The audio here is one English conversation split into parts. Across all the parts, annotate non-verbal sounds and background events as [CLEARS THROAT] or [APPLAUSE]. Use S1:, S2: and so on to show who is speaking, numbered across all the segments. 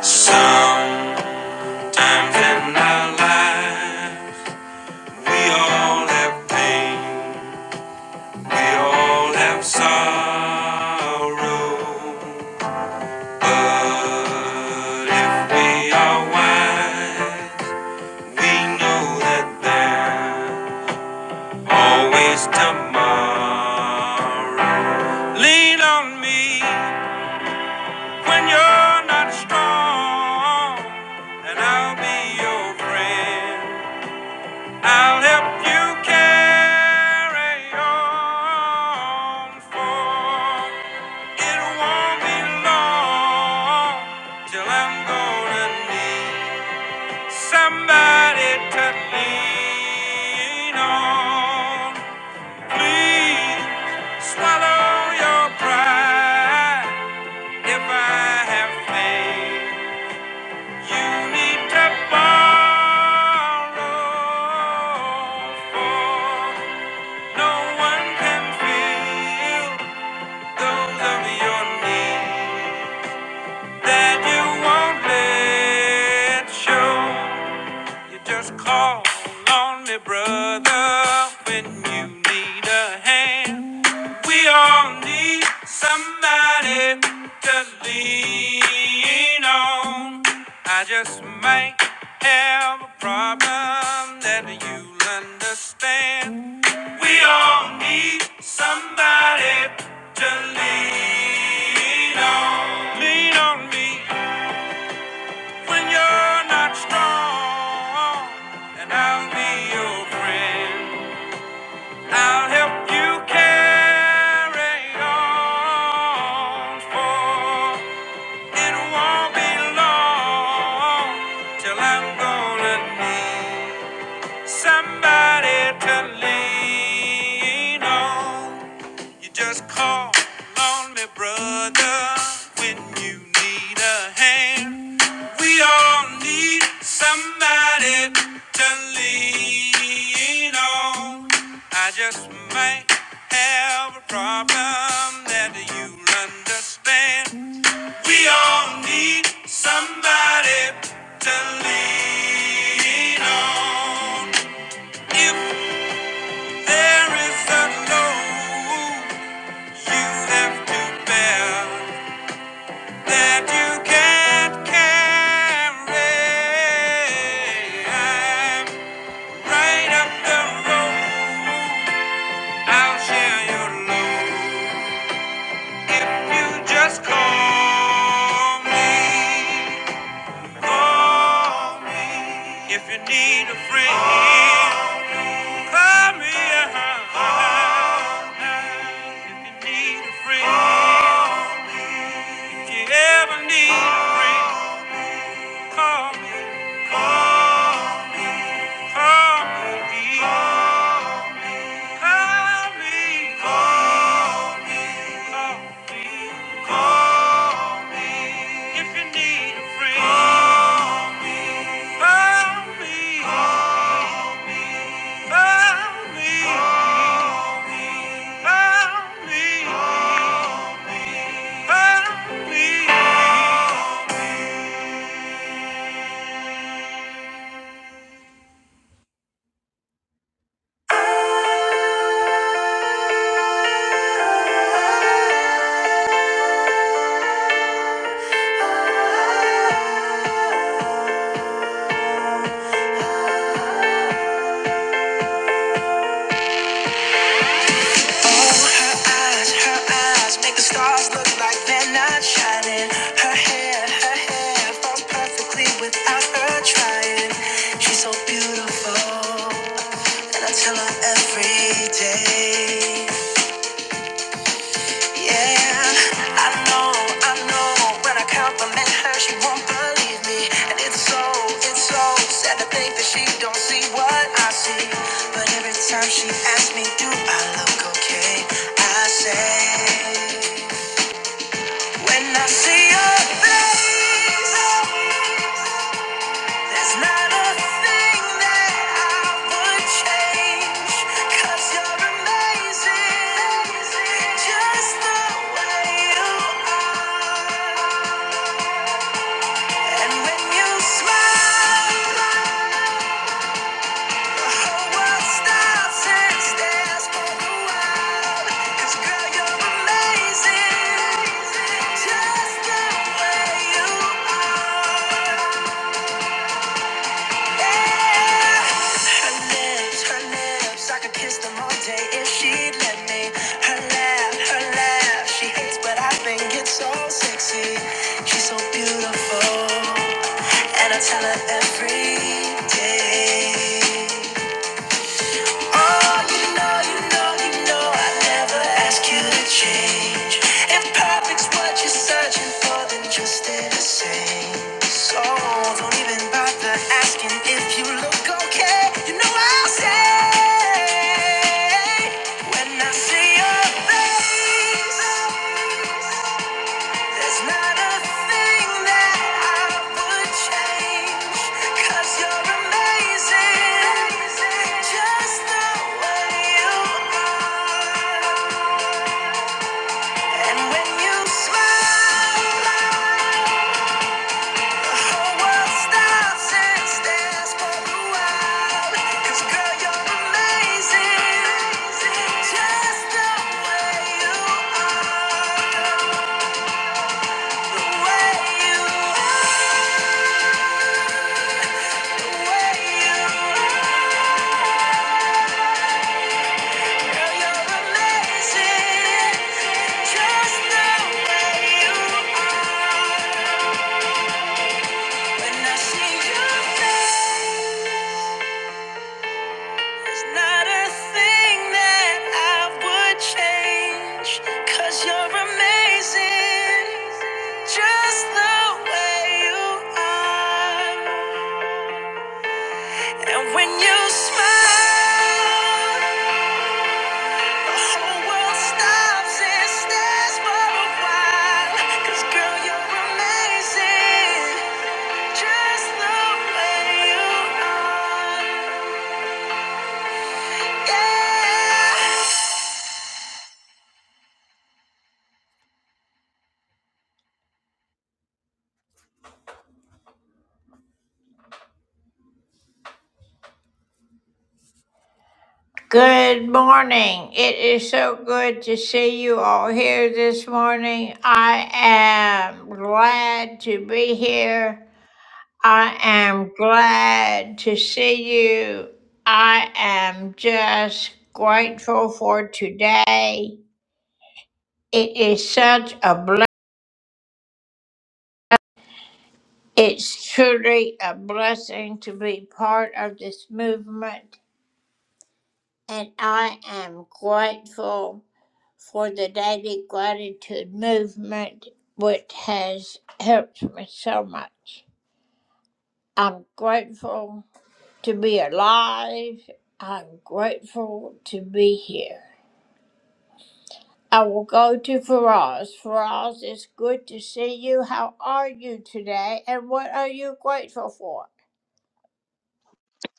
S1: Sometimes in our lives, we all have pain, we all have sorrow. But if we are wise, we know that there's always tomorrow. Lean on me. When you're not strong, then I'll be your friend. I'll help you carry on, for it won't be long till I'm gonna need somebody to lean on. Please swallow your pride if I have failed. You need to borrow, no one can feel those of your needs that you won't let show. You just call on me, brother, when you need a hand. We all need somebody to lean on. I just might have a problem that you'll understand. We all need somebody to lean on. Lean on me. When you're not strong, and I'll be your friend. I'll help you carry on, for it won't be long till I'm gonna need somebody to lean on. You just call on me, brother, when you need a hand. We all need somebody to lean on. I just might have a problem that you understand. We all need somebody to lean on. If there is a load you have to bear that you can't carry. i right up the road. I'll share your load if you just call me. Call me if you need a friend. oh, Call me. a oh, If you need a friend, oh, if you ever need oh, a friend. Call me, call me, call me, call me, call me if you need a friend. Call me, call me, call me, call me, call me. Her eyes, her eyes make the stars look like they're not shining. Her hair, her hair falls perfectly without her trying. She's so beautiful, and I tell her every day. Yeah, I know, I know. When I compliment her, she won't believe me. And it's so, it's so sad to think that she don't see what I see. But every time she asks me, do I look okay? I say, when I see your face. There's not a thing that I would change, you you're amazing, just the way you are. And when you smile, the whole world stops and stares for a while. 'Cause girl, you're amazing, just the way you are. Her lips, her lips, I could kiss them all day if she'd let me. Her laugh, her laugh, she hates, but I think it's so sexy. She's so beautiful, and I tell her every day. Oh, you know, you know, you know, I never ask you to change. If perfect's what you're searching for, then just stay the same. So don't even bother asking if you look okay. You know I'll say when I see your face. There's not a thing that I would change, you you're amazing, just the way you are. And when you smile, the whole world stops and stares for a while. girl, you're amazing, just the way you are, the way you are, the way you are. Cause you're amazing, just the way you are. And when you smile, the whole world stops and stares for a while. 'Cause girl, you're amazing. Just the way you are. Yeah.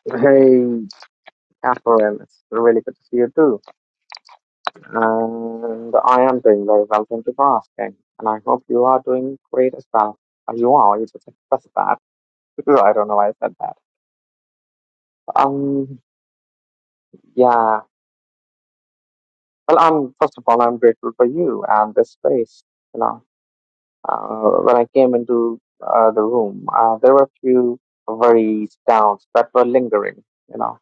S2: Hey, Catherine, it's really good to see you too. And I am doing very well, thank you for asking. And I hope you are doing great as well. Uh, You are, you just expressed that. [LAUGHS] I don't know why I said that. Um, yeah. Well, I'm, first of all, I'm grateful for you and this space. You know, uh, when I came into uh, the room, uh, there were a few worries, doubts that were lingering, you know.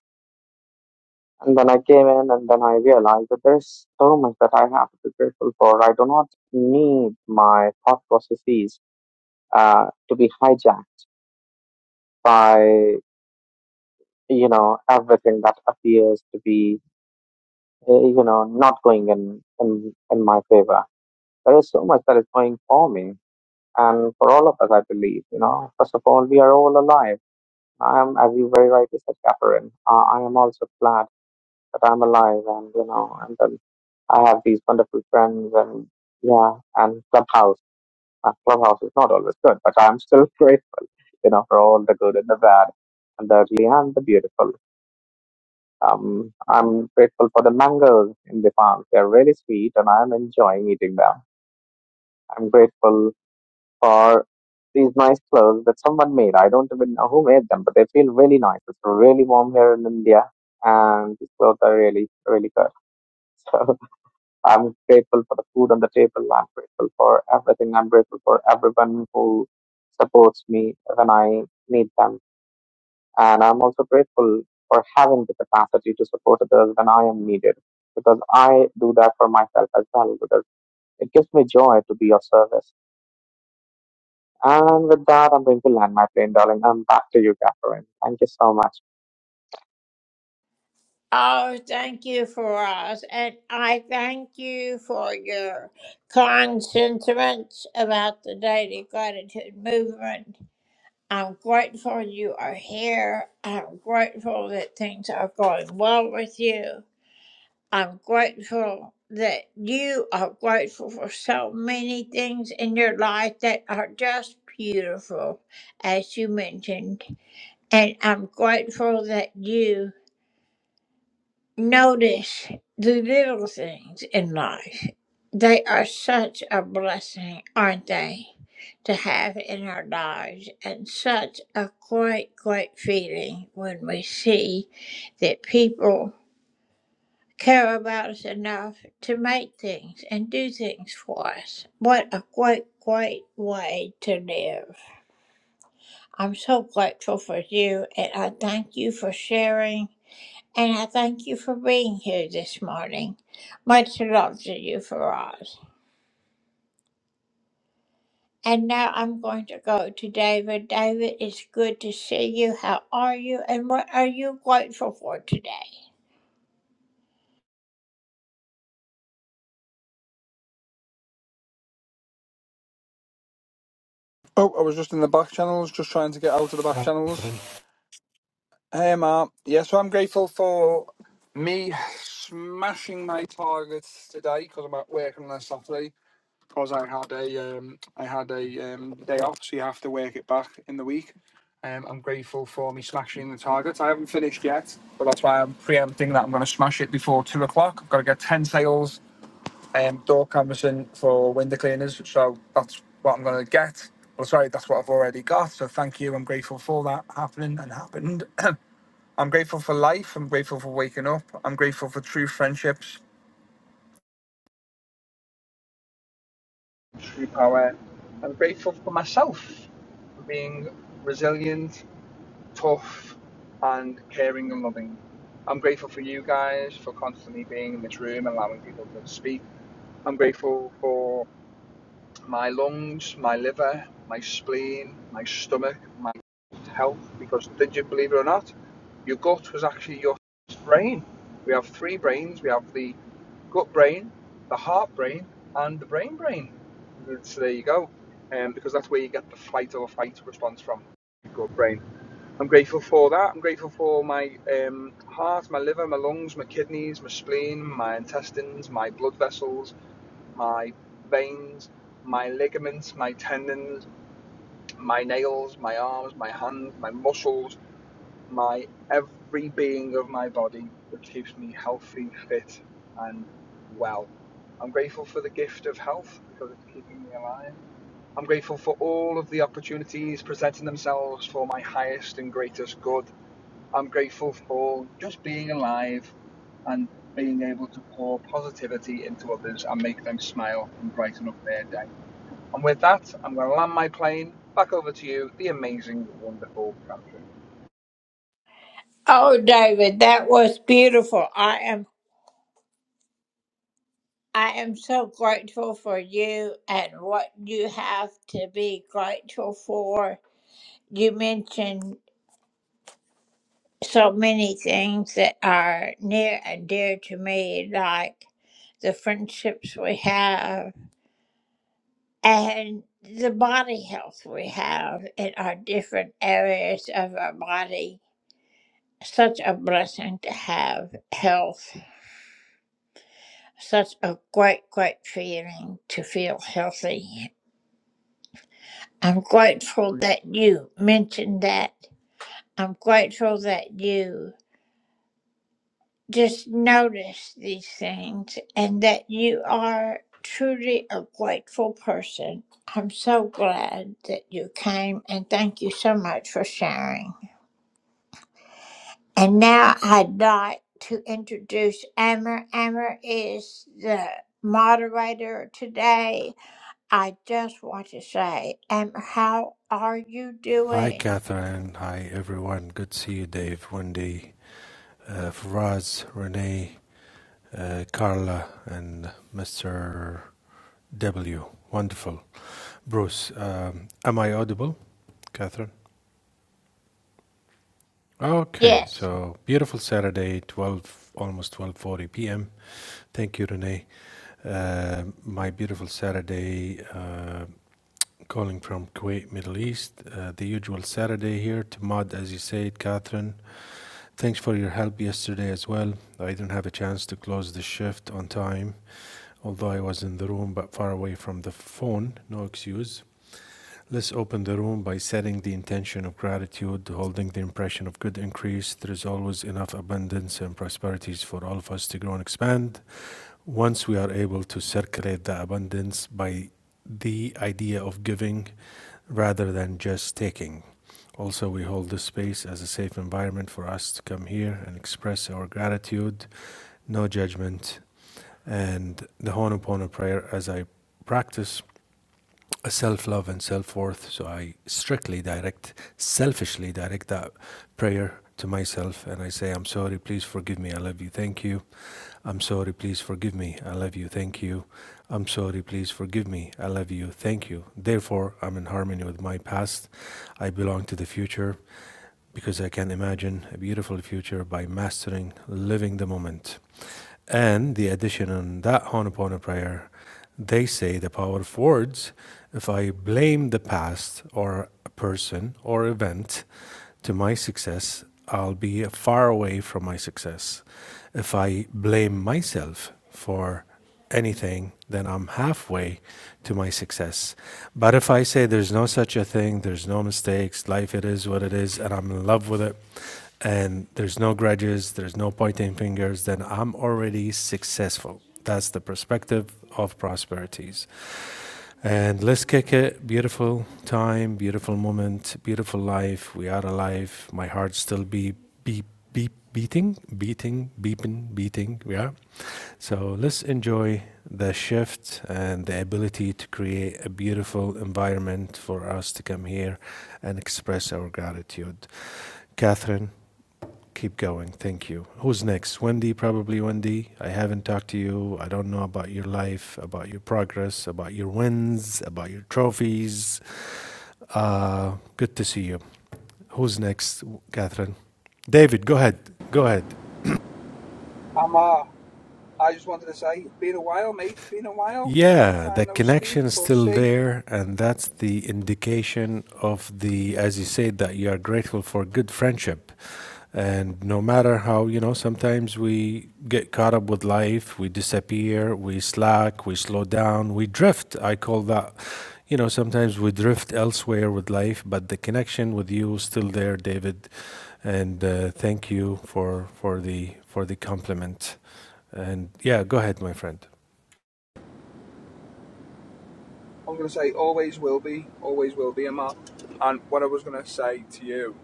S2: And then I came in and then I realized that there's so much that I have to be grateful for. I do not need my thought processes uh, to be hijacked by, you know, everything that appears to be, uh, you know, not going in, in, in my favor. There is so much that is going for me and for all of us, I believe, you know. First of all, we are all alive. I am, as you very rightly said, Catherine, uh, I am also glad that I'm alive and you know, and then I have these wonderful friends and yeah, and Clubhouse. Uh, Clubhouse is not always good, but I'm still [LAUGHS] grateful, you know, for all the good and the bad and the ugly and the beautiful. Um, I'm grateful for the mangoes in the farm. They're really sweet and I'm enjoying eating them. I'm grateful for these nice clothes that someone made. I don't even know who made them, but they feel really nice. It's really warm here in India and these clothes are really, really good. [LAUGHS] So. I'm grateful for the food on the table. I'm grateful for everything. I'm grateful for everyone who supports me when I need them. And I'm also grateful for having the capacity to support others when I am needed because I do that for myself as well because it gives me joy to be of service. And with that, I'm going to land my plane, darling. I'm back to you, Catherine. Thank you so much.
S3: Oh, I was just in the back channels, just trying to get out of the back channels. Hey, Mark. Yeah, so I'm grateful for me smashing my targets today because I'm at work on a Saturday because I had a um, I had a um, day off, so you have to work it back in the week. Um, I'm grateful for me smashing the targets. I haven't finished yet, but that's why I'm preempting that I'm going to smash it before two o'clock. I've got to get ten sales um, door canvassing for window cleaners. So that's what I'm going to get. Well, sorry, that's what I've already got. So thank you. I'm grateful for that happening and happened. [CLEARS THROAT] I'm grateful for life. I'm grateful for waking up. I'm grateful for true friendships, true power. I'm grateful for myself for being resilient, tough, and caring and loving. I'm grateful for you guys for constantly being in this room, allowing people to speak. I'm grateful for my lungs, my liver, my spleen, my stomach, my health. Because did you believe it or not, your gut was actually your brain. We have three brains. We have the gut brain, the heart brain, and the brain brain. So there you go. Um, because that's where you get the fight or flight response from your gut brain. I'm grateful for that. I'm grateful for my um, heart, my liver, my lungs, my kidneys, my spleen, my intestines, my blood vessels, my veins, my ligaments, my tendons, my nails, my arms, my hands, my muscles, my every being of my body that keeps me healthy, fit, and well. I'm grateful for the gift of health because it's keeping me alive. I'm grateful for all of the opportunities presenting themselves for my highest and greatest good. I'm grateful for just being alive and being able to pour positivity into others and make them smile and brighten up their day. And with that, I'm going to land my plane back over to you, the amazing, wonderful Catherine.
S4: Hi, Catherine. Hi, everyone. Good to see you, Dave, Wendy, uh, Faraz, Renee, uh, Carla, and Mr. W. Wonderful. Bruce, um, am I audible, Catherine? Okay, so beautiful Saturday, 12, almost 12.40 p.m. Thank you, Renee. Uh, my beautiful Saturday, uh, calling from Kuwait, Middle East. Uh, the usual Saturday here to mod, as you said, Catherine. Thanks for your help yesterday as well. I didn't have a chance to close the shift on time, although I was in the room but far away from the phone. No excuse. Let's open the room by setting the intention of gratitude, holding the impression of good increase. There is always enough abundance and prosperities for all of us to grow and expand. Once we are able to circulate the abundance by the idea of giving, rather than just taking. Also, we hold this space as a safe environment for us to come here and express our gratitude, no judgment, and the Honopono prayer as I practice a self love and self worth. So I strictly direct, selfishly direct that prayer to myself and I say, I'm sorry, please forgive me, I love you, thank you. I'm sorry, please forgive me. I love you. Thank you. I'm sorry, please forgive me. I love you. Thank you. Therefore, I'm in harmony with my past. I belong to the future because I can imagine a beautiful future by mastering living the moment. And the addition on that Honopono prayer they say the power of words. If I blame the past or a person or event to my success, I'll be far away from my success. If I blame myself for anything, then I'm halfway to my success. But if I say there's no such a thing, there's no mistakes, life it is what it is, and I'm in love with it, and there's no grudges, there's no pointing fingers, then I'm already successful. That's the perspective of prosperities. And let's kick it. Beautiful time, beautiful moment, beautiful life. We are alive. My heart still beep, beep, beep, beating, beating, beeping, beating. Yeah. So let's enjoy the shift and the ability to create a beautiful environment for us to come here and express our gratitude. Catherine, Keep going. Thank you. Who's next? Wendy, probably Wendy. I haven't talked to you. I don't know about your life, about your progress, about your wins, about your trophies. Uh, good to see you. Who's next, Catherine? David, go ahead. Go ahead.
S3: Amar, I just wanted to say, it's been a while, mate. It's Been a while. Long
S4: Yeah,
S3: time
S4: the
S3: no
S4: connection
S3: speak
S4: is
S3: or
S4: still
S3: see.
S4: there, and that's the indication of the, as you said, that you are grateful for good friendship. And no matter how, you know, sometimes we get caught up with life, we disappear, we slack, we slow down, we drift. I call that, you know, sometimes we drift elsewhere with life, but the connection with you is still there, David. And uh, thank you for for the for the compliment. And yeah, go ahead, my friend.
S3: I'm going to say always will be, always will be, Emma. And what I was going to say to you,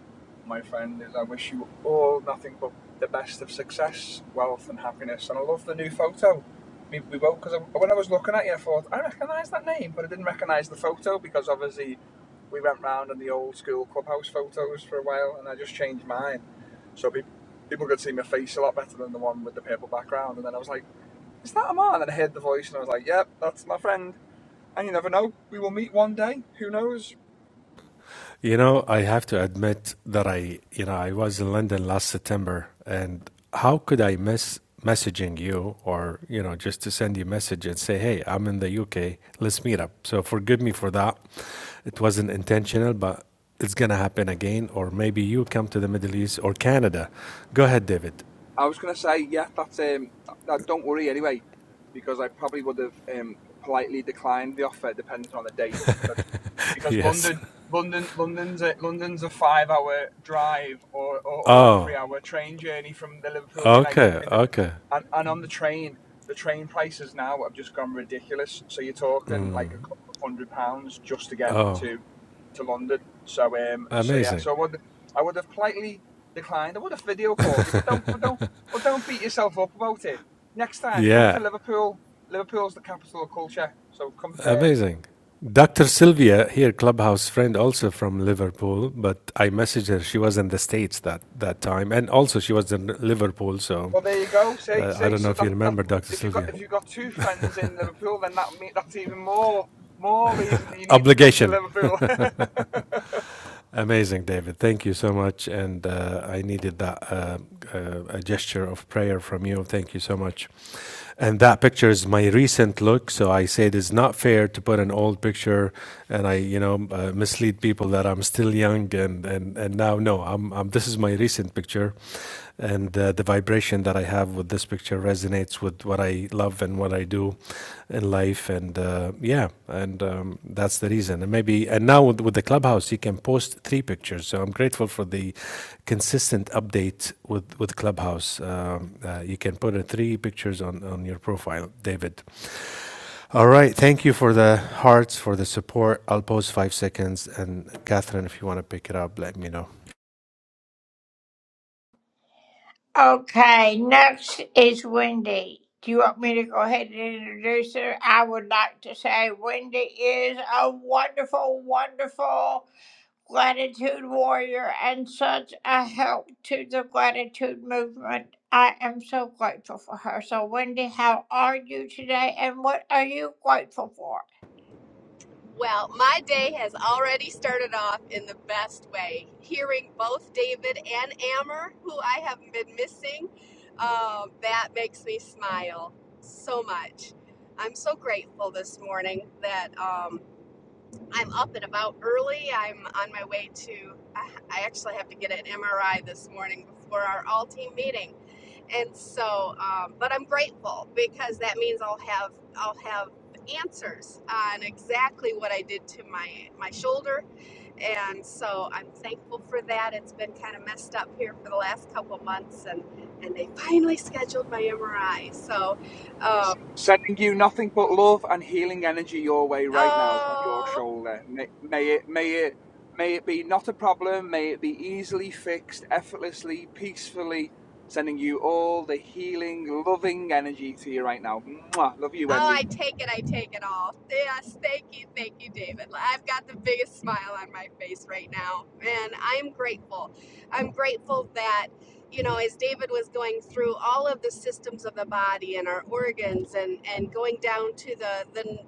S3: my friend, is I wish you all nothing but the best of success, wealth, and happiness. And I love the new photo. We, we both, because when I was looking at you, I thought, I recognise that name, but I didn't recognise the photo because obviously we went round in the old school clubhouse photos for a while and I just changed mine. So pe- people could see my face a lot better than the one with the purple background. And then I was like, is that a man? And then I heard the voice and I was like, yep, that's my friend and you never know. We will meet one day. Who knows?
S4: You know, I have to admit that I, you know, I was in London last September, and how could I miss messaging you or, you know, just to send you a message and say, hey, I'm in the UK, let's meet up. So forgive me for that. It wasn't intentional, but it's going to happen again. Or maybe you come to the Middle East or Canada. Go ahead, David.
S3: I was gonna say, yeah, that's um, that, don't worry anyway, because I probably would have um, politely declined the offer depending on the date, because
S4: [LAUGHS]
S3: because
S4: yes.
S3: London, London, London's a, London's a five-hour drive or, or, or a
S4: Oh,
S3: three-hour train journey from the Liverpool United
S4: okay.
S3: Kingdom,
S4: Okay.
S3: and, and on the train, the train prices now have just gone ridiculous. So you're talking like a couple of hundred pounds just to get
S4: Oh,
S3: to to London. So um, so yeah,
S4: amazing.
S3: so I would I would have politely declined. I would have video called you, but don't but don't but don't beat yourself up about it. Next time, come to
S4: Yeah.
S3: Liverpool. Liverpool's the capital of culture, so come there.
S4: Amazing. Dr. Sylvia here, clubhouse friend, also from Liverpool, but I messaged her. She was in the States that, that time, and also she was in Liverpool, so
S3: Well, there you go. See,
S4: uh, I
S3: see.
S4: don't know
S3: So
S4: if you
S3: that that
S4: remember Dr.
S3: if you got
S4: Sylvia.
S3: if you got two friends in Liverpool, then that me- that's even more more reason that you need to come to
S4: Obligation.
S3: Liverpool. [LAUGHS]
S4: Amazing, David. Thank you so much. And uh, I needed that uh, uh, a gesture of prayer from you. Thank you so much. And that picture is my recent look. So I say it is not fair to put an old picture and I, you know, uh, mislead people that I'm still young and, and, and now, no, I'm, I'm, this is my recent picture. And uh, the vibration that I have with this picture resonates with what I love and what I do in life and uh, yeah and um, that's the reason and maybe and now with, with the clubhouse you can post three pictures so i'm grateful for the consistent update with with clubhouse um, uh, you can put uh, three pictures on on your profile david all right thank you for the hearts for the support i'll post five seconds and catherine if you want to pick it up let me know
S5: Well, my day has already started off in the best way. Hearing both David and Amber, who I have been missing, um, that makes me smile so much. I'm so grateful this morning that um, I'm up and about early. I'm on my way to, I actually have to get an MRI this morning before our all team meeting. And so, um, but I'm grateful because that means I'll have, I'll have answers on exactly what I did to my, my shoulder. And so I'm thankful for that. It's been kind of messed up here for the last couple of months and, and they finally scheduled my MRI. So, um,
S3: Sending you nothing but love and healing energy your way right now on your
S5: oh,
S3: shoulder. May, may it, may it, may it be not a problem. May it be easily fixed, effortlessly, peacefully. Sending you all the healing, loving energy to you right now. Mwah. Love you,
S5: Oh, I
S3: Wendy.
S5: take it. I take it all. Yes, thank you. Thank you, David. Like, I've got the biggest smile on my face right now. And I'm grateful. I'm grateful that, you know, as David was going through all of the systems of the body and our organs and, and going down to the, the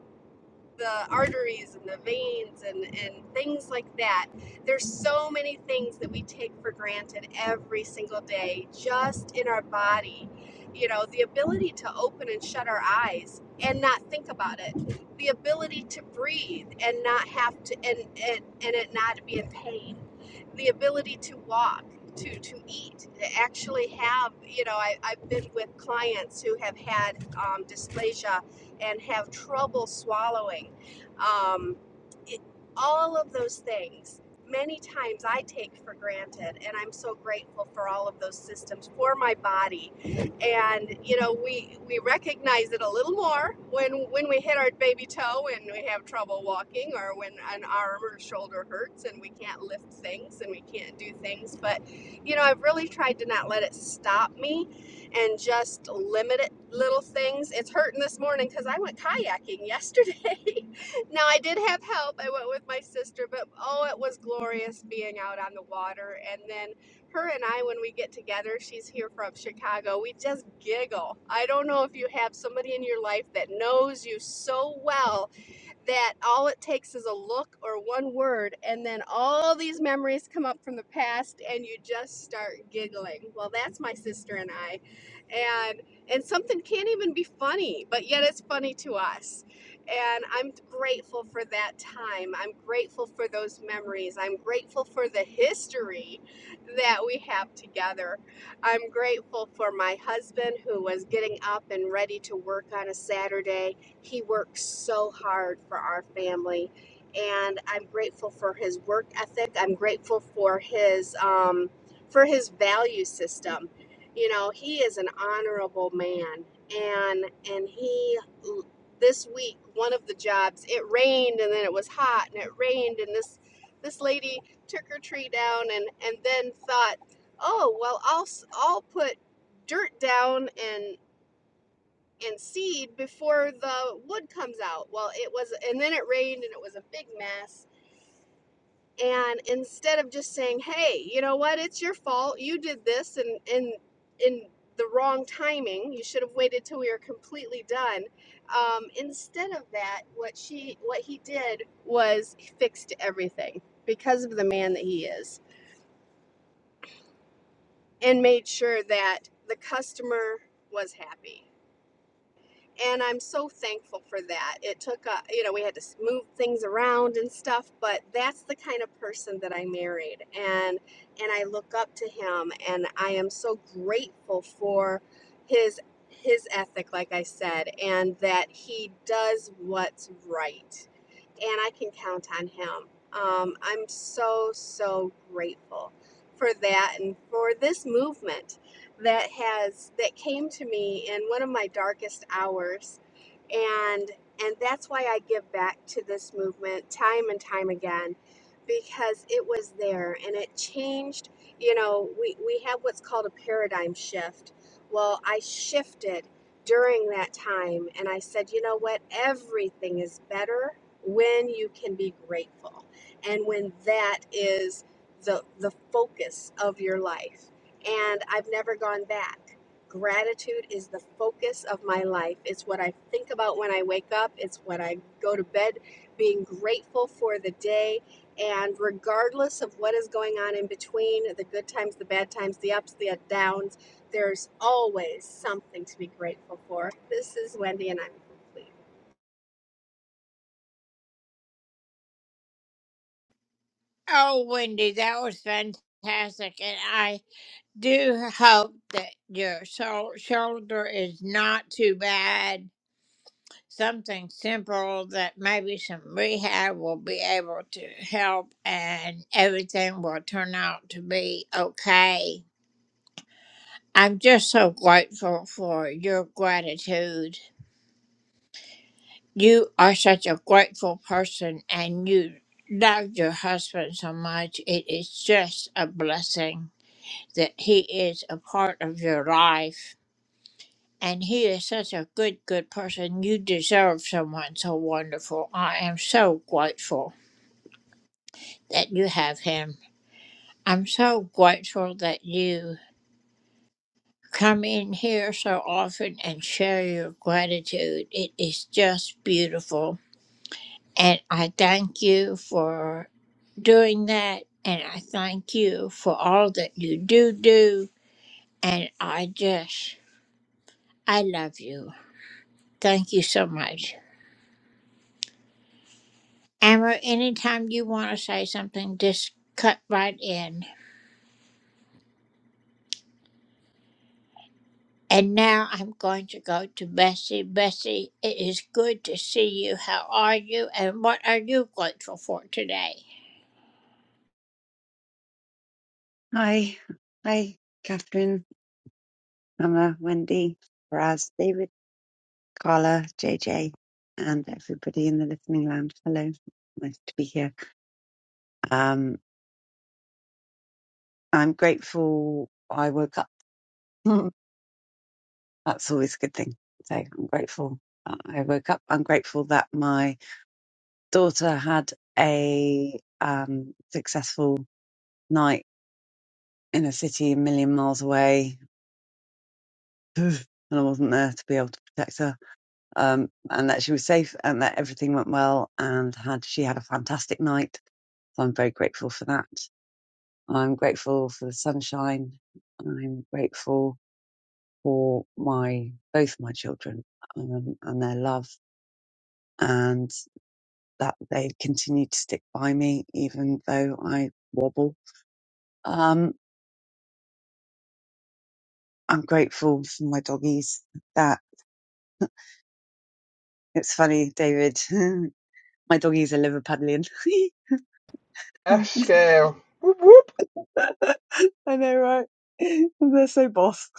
S5: the arteries and the veins and, and things like that. There's so many things that we take for granted every single day just in our body. You know, the ability to open and shut our eyes and not think about it, the ability to breathe and not have to, and, and, and it not be in pain, the ability to walk. To, to eat, to actually have, you know, I, I've been with clients who have had um, dysplasia and have trouble swallowing. Um, it, all of those things, many times I take for granted, and I'm so grateful for all of those systems for my body. And you know, we we recognize it a little more when when we hit our baby toe and we have trouble walking, or when an arm or shoulder hurts and we can't lift things and we can't do things. But you know, I've really tried to not let it stop me and just limited little things. It's hurting this morning because I went kayaking yesterday. [LAUGHS] now I did have help. I went with my sister, but oh, it was glorious being out on the water. And then her and I, when we get together, she's here from Chicago. We just giggle. I don't know if you have somebody in your life that knows you so well that all it takes is a look or one word, and then all these memories come up from the past, and you just start giggling. Well, that's my sister and I, and and something can't even be funny, but yet it's funny to us. And I'm grateful for that time. I'm grateful for those memories. I'm grateful for the history that we have together. I'm grateful for my husband who was getting up and ready to work on a Saturday he works so hard for our family, and I'm grateful for his work ethic. I'm grateful for his um, for his value system. You know, he is an honorable man, and and he this week one of the jobs it rained and then it was hot and it rained and this this lady took her tree down and and then thought oh well i'll s- i'll put dirt down and and seed before the wood comes out. Well, it was, and then it rained and it was a big mess. And instead of just saying, hey, you know what, it's your fault, you did this and in, in the wrong timing, you should have waited till we were completely done. Um, instead of that, what she, what he did was he fixed everything because of the man that he is and made sure that the customer was happy and I'm so thankful for that. It took a, you know, we had to s- move things around and stuff, but that's the kind of person that I married, and and I look up to him, and I am so grateful for his his ethic, like I said, and that he does what's right and I can count on him. Um, I'm so, so grateful for that and for this movement that has that came to me in one of my darkest hours and and that's why I give back to this movement time and time again because it was there and it changed you know we we have what's called a paradigm shift well I shifted during that time and I said you know what everything is better when you can be grateful and when that is the the focus of your life and i've never gone back gratitude is the focus of my life it's what i think about when i wake up it's when i go to bed being grateful for the day and regardless of what is going on in between the good times the bad times the ups the downs there's always something to be grateful for this is wendy and i'm complete
S6: Hi, hi, Catherine, Emma, Wendy, Raz, David, Carla, JJ, and everybody in the listening lounge. Hello, nice to be here. Um, I'm grateful I woke up. [LAUGHS] That's always a good thing. So I'm grateful that I woke up. I'm grateful that my daughter had a um, successful night in a city a million miles away, [SIGHS] and I wasn't there to be able to protect her um, and that she was safe and that everything went well and had she had a fantastic night. So I'm very grateful for that. I'm grateful for the sunshine. I'm grateful for my both my children um, and their love and that they continue to stick by me even though I wobble. Um, I'm grateful for my doggies that it's funny, David. [LAUGHS] my doggies are Liverpudlian. [LAUGHS]
S3: Yes, scale. Whoop, whoop.
S6: [LAUGHS] I know, right? [LAUGHS] They're so boss.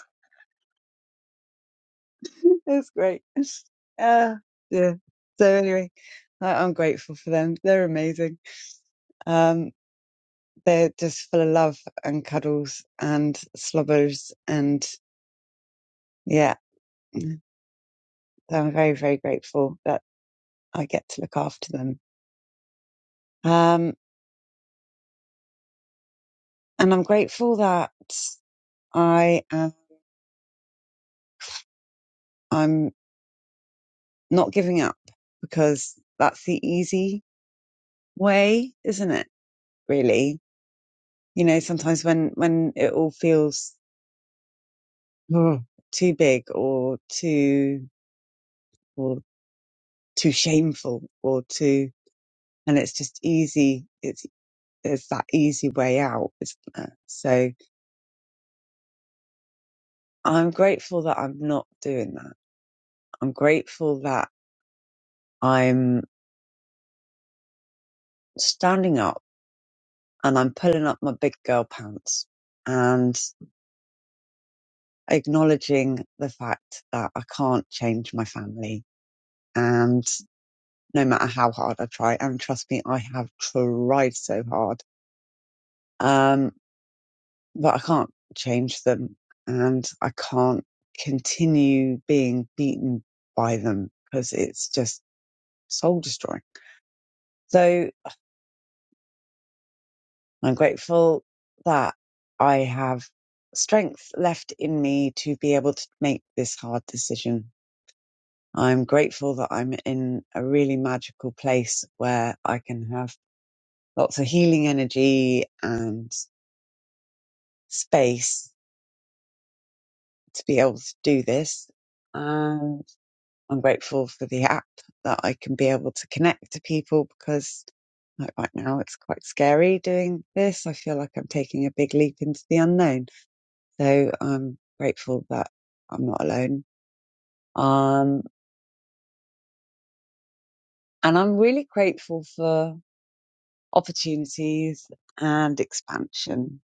S6: [LAUGHS] It's great. Uh, yeah. So anyway, I, I'm grateful for them. They're amazing. Um, they're just full of love and cuddles and slobbers and yeah. So I'm very, very grateful that I get to look after them. Um, and I'm grateful that I am, I'm not giving up because that's the easy way, isn't it? Really, You know, sometimes when when it all feels ugh, too big or too or too shameful or too, and it's just easy. It's it's that easy way out, isn't there? So I'm grateful that I'm not doing that. I'm grateful that I'm standing up and I'm pulling up my big girl pants and acknowledging the fact that I can't change my family and. no matter how hard I try. And trust me, I have tried so hard. Um, but I can't change them and I can't continue being beaten by them because it's just soul destroying. So I'm grateful that I have strength left in me to be able to make this hard decision. I'm grateful that I'm in a really magical place where I can have lots of healing energy and. space to be able to do this. And I'm grateful for the app that I can be able to connect to people because like right now it's quite scary doing this. I feel like I'm taking a big leap into the unknown. So I'm grateful that I'm not alone. Um, and I'm really grateful for opportunities and expansion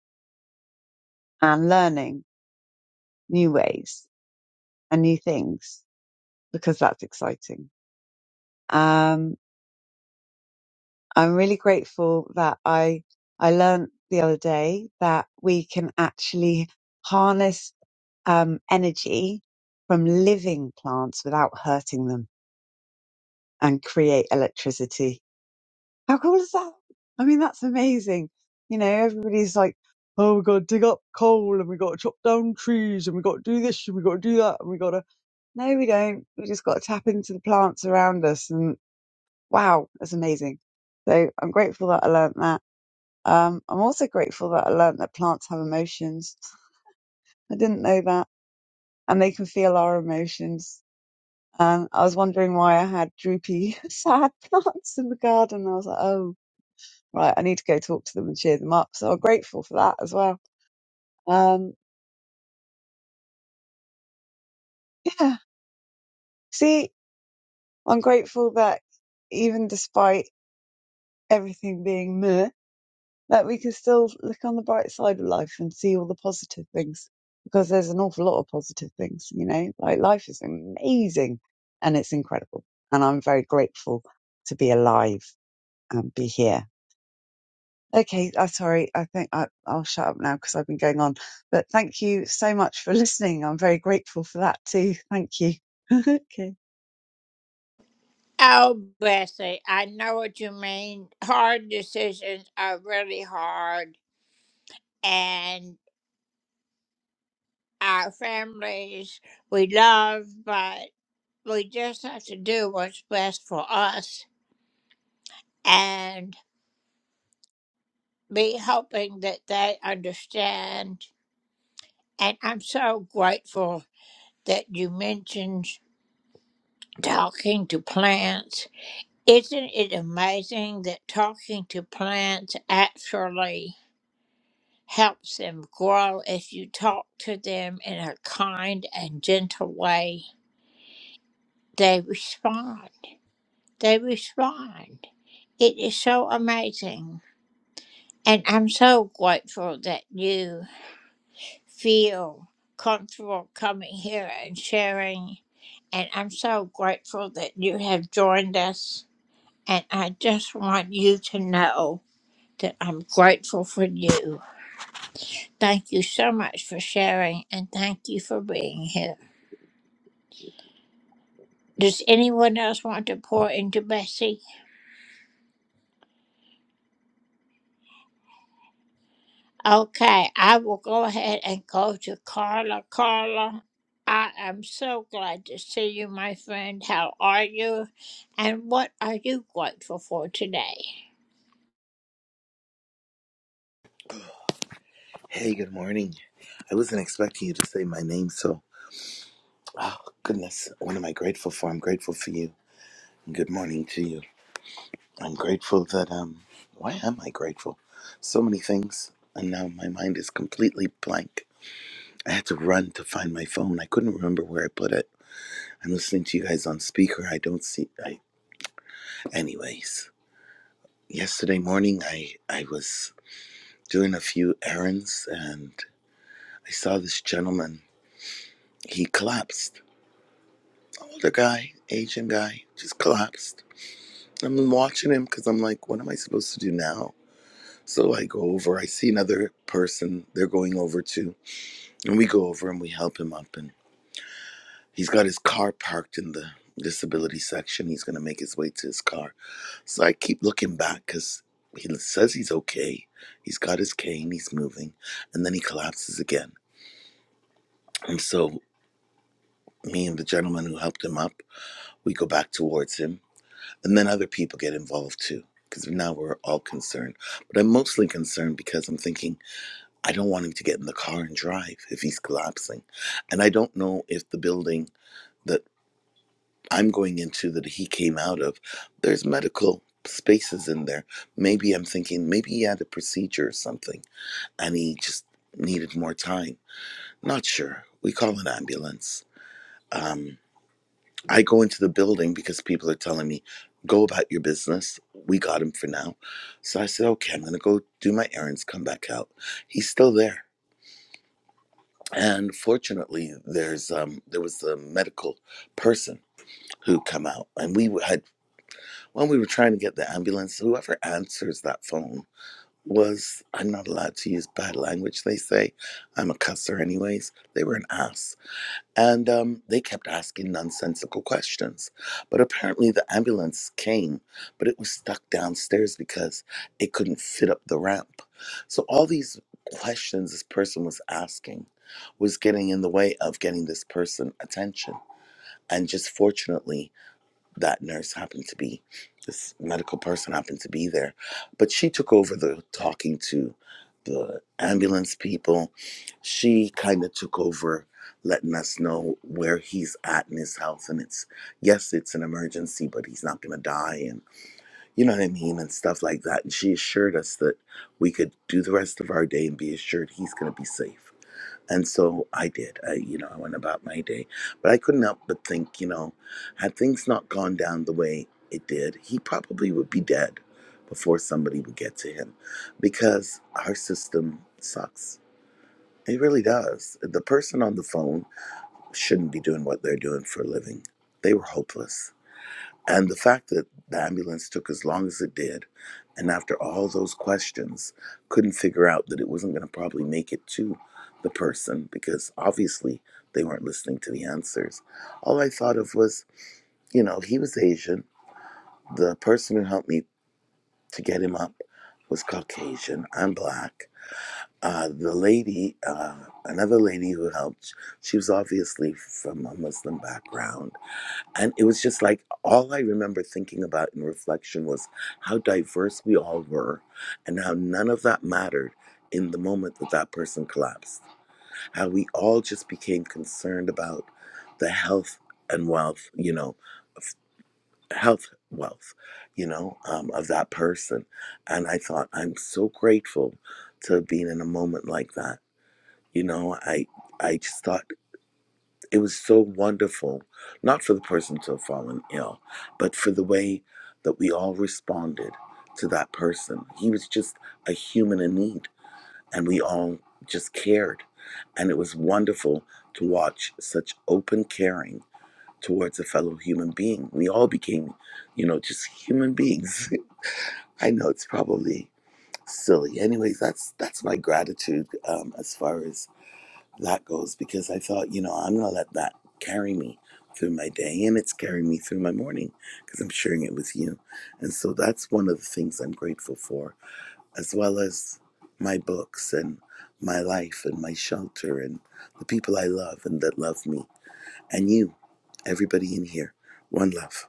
S6: and learning new ways and new things because that's exciting. Um, I'm really grateful that I I learned the other day that we can actually harness um, energy from living plants without hurting them and create electricity. How cool is that? I mean, that's amazing. You know, everybody's like, "Oh, we got to dig up coal and we got to chop down trees and we got to do this and we got to do that and we got to." No, we don't. We just got to tap into the plants around us, and wow, that's amazing. So I'm grateful that I learned that. Um, I'm also grateful that I learned that plants have emotions. I didn't know that. And they can feel our emotions. And I was wondering why I had droopy, [LAUGHS] sad plants in the garden. I was like, oh, right, I need to go talk to them and cheer them up. So I'm grateful for that as well. Um, [LAUGHS] yeah. See, I'm grateful that even despite everything being meh, that we can still look on the bright side of life and see all the positive things because there's an awful lot of positive things, you know, like life is amazing and it's incredible. And I'm very grateful to be alive and be here. Okay, I'm sorry. I think I, I'll shut up now because I've been going on. But thank you so much for listening. I'm very grateful for that too. Thank you. [LAUGHS] okay.
S7: Hey, good morning. I wasn't expecting you to say my name, so oh goodness, what am I grateful for? I'm grateful for you. Good morning to you. I'm grateful that um why am I grateful? So many things and now my mind is completely blank. I had to run to find my phone. I couldn't remember where I put it. I'm listening to you guys on speaker. I don't see I anyways. Yesterday morning I I was doing a few errands and I saw this gentleman. He collapsed older guy, Asian guy, just collapsed. I'm watching him because I'm like, what am I supposed to do now? So I go over, I see another person they're going over to, and we go over and we help him up. And he's got his car parked in the disability section. He's going to make his way to his car. So I keep looking back because he says he's okay. He's got his cane, he's moving, and then he collapses again. And so me and the gentleman who helped him up, we go back towards him And then other people get involved too, because now we're all concerned. But I'm mostly concerned because I'm thinking, I don't want him to get in the car and drive if he's collapsing. And I don't know if the building that I'm going into that he came out of, there's medical spaces in there. Maybe I'm thinking, maybe he had a procedure or something and he just needed more time. Not sure. We call an ambulance. Um, I go into the building because people are telling me, go about your business. We got him for now. So I said, okay, I'm going to go do my errands, come back out. He's still there. And fortunately, there's um, there was a medical person who come out, and we had when we were trying to get the ambulance. Whoever answers that phone was I'm not allowed to use bad language. They say I'm a cusser, anyways. They were an ass And um, they kept asking nonsensical questions. But apparently, the ambulance came, but it was stuck downstairs because it couldn't fit up the ramp. So, all these questions this person was asking was getting in the way of getting this person attention. And just fortunately, that nurse happened to be this medical person happened to be there but she took over the talking to the ambulance people she kind of took over letting us know where he's at in his health and it's yes it's an emergency but he's not going to die and you know what i mean and stuff like that and she assured us that we could do the rest of our day and be assured he's going to be safe and so I did. I, you know, I went about my day, but I couldn't help but think, you know, had things not gone down the way it did, he probably would be dead before somebody would get to him, because our system sucks. It really does. The person on the phone shouldn't be doing what they're doing for a living. They were hopeless. And the fact that the ambulance took as long as it did, and after all those questions, couldn't figure out that it wasn't going to probably make it to the person because obviously they weren't listening to the answers. All I thought of was, you know, he was Asian. The person who helped me to get him up was Caucasian. I'm black. Uh, the lady, uh, another lady who helped, she was obviously from a Muslim background and it was just like all I remember thinking about in reflection was how diverse we all were and how none of that mattered in the moment that that person collapsed. How we all just became concerned about the health and wealth, you know, of- health wealth, you know, um, of that person. And I thought, I'm so grateful to have been in a moment like that. You know, I I just thought it was so wonderful, not for the person to have fallen ill, but for the way that we all responded to that person. He was just a human in need, and we all just cared. And it was wonderful to watch such open caring towards a fellow human being. We all became, you know, just human beings. [LAUGHS] I know it's probably silly. Anyways, that's that's my gratitude um, as far as that goes because I thought, you know, I'm going to let that carry me through my day and it's carrying me through my morning because I'm sharing it with you. And so that's one of the things I'm grateful for, as well as my books and my life and my shelter and the people I love and that love me and you, everybody in here. One love.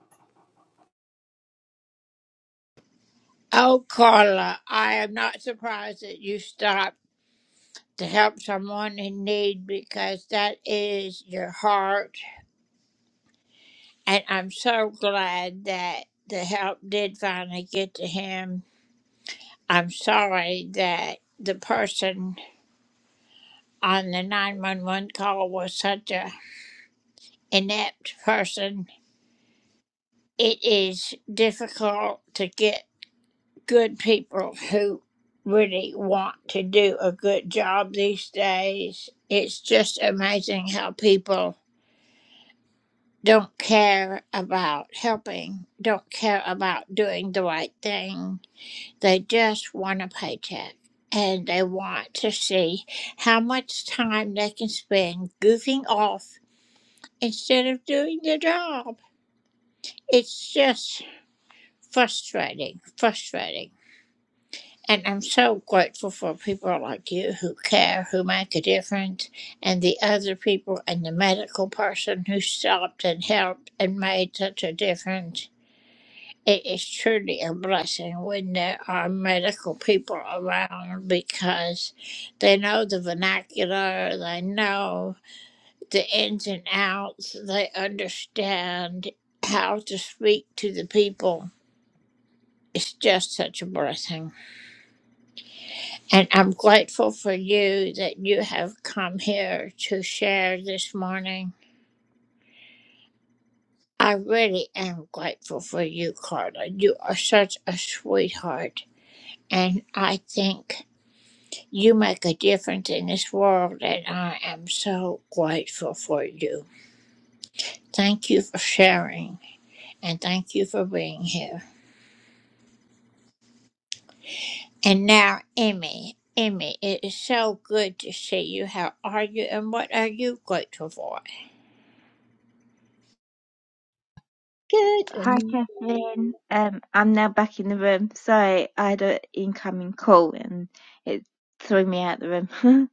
S8: Good
S9: Hi,
S8: morning.
S9: Catherine. Um, I'm now back in the room. Sorry, I had an incoming call and it threw me out the room.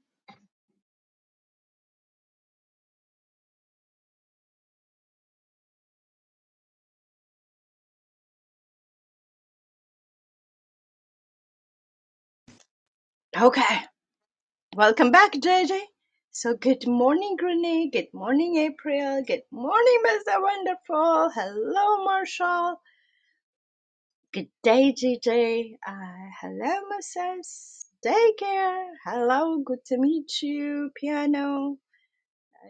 S8: Okay, welcome back, JJ. So, good morning, Renee. Good morning, April. Good morning, Mr. Wonderful. Hello, Marshall. Good day, JJ. Uh, hello, Mrs. Daycare. Hello, good to meet you, Piano.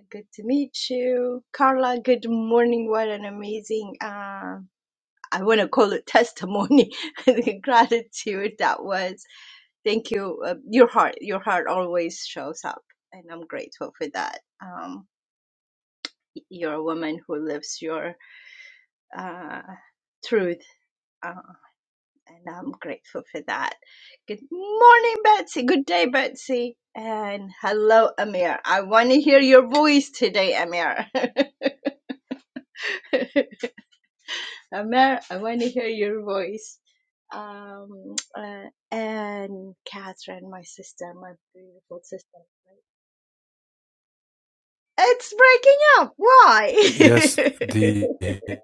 S8: Good to meet you, Carla. Good morning. What an amazing, uh, I want to call it testimony, [LAUGHS] the gratitude that was. thank you. Uh, your heart, your heart always shows up, and I'm grateful for that. Um, y- you're a woman who lives your uh, truth, uh, and I'm grateful for that. Good morning, Betsy. Good day, Betsy. And hello, Amir. I want to hear your voice today, Amir. [LAUGHS] Amir, I want to hear your voice. Um, uh, and Catherine, my sister, my beautiful sister. It's breaking up. Why?
S4: yes the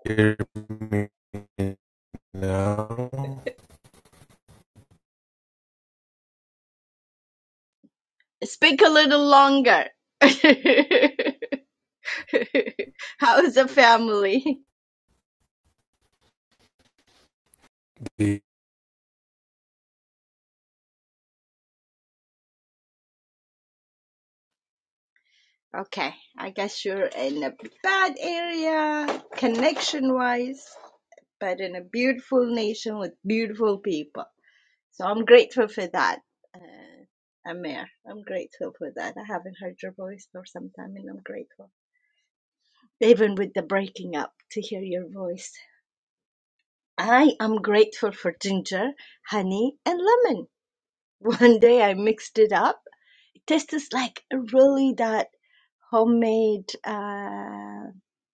S4: hear me now
S8: [LAUGHS] Speak a little longer. [LAUGHS] How's the family?
S4: the
S8: Okay, I guess you're in a bad area, connection wise, but in a beautiful nation with beautiful people. So I'm grateful for that, uh, Amir. I'm grateful for that. I haven't heard your voice for some time and I'm grateful. Even with the breaking up, to hear your voice. I am grateful for ginger, honey, and lemon. [LAUGHS] One day I mixed it up. It tastes like really that homemade uh,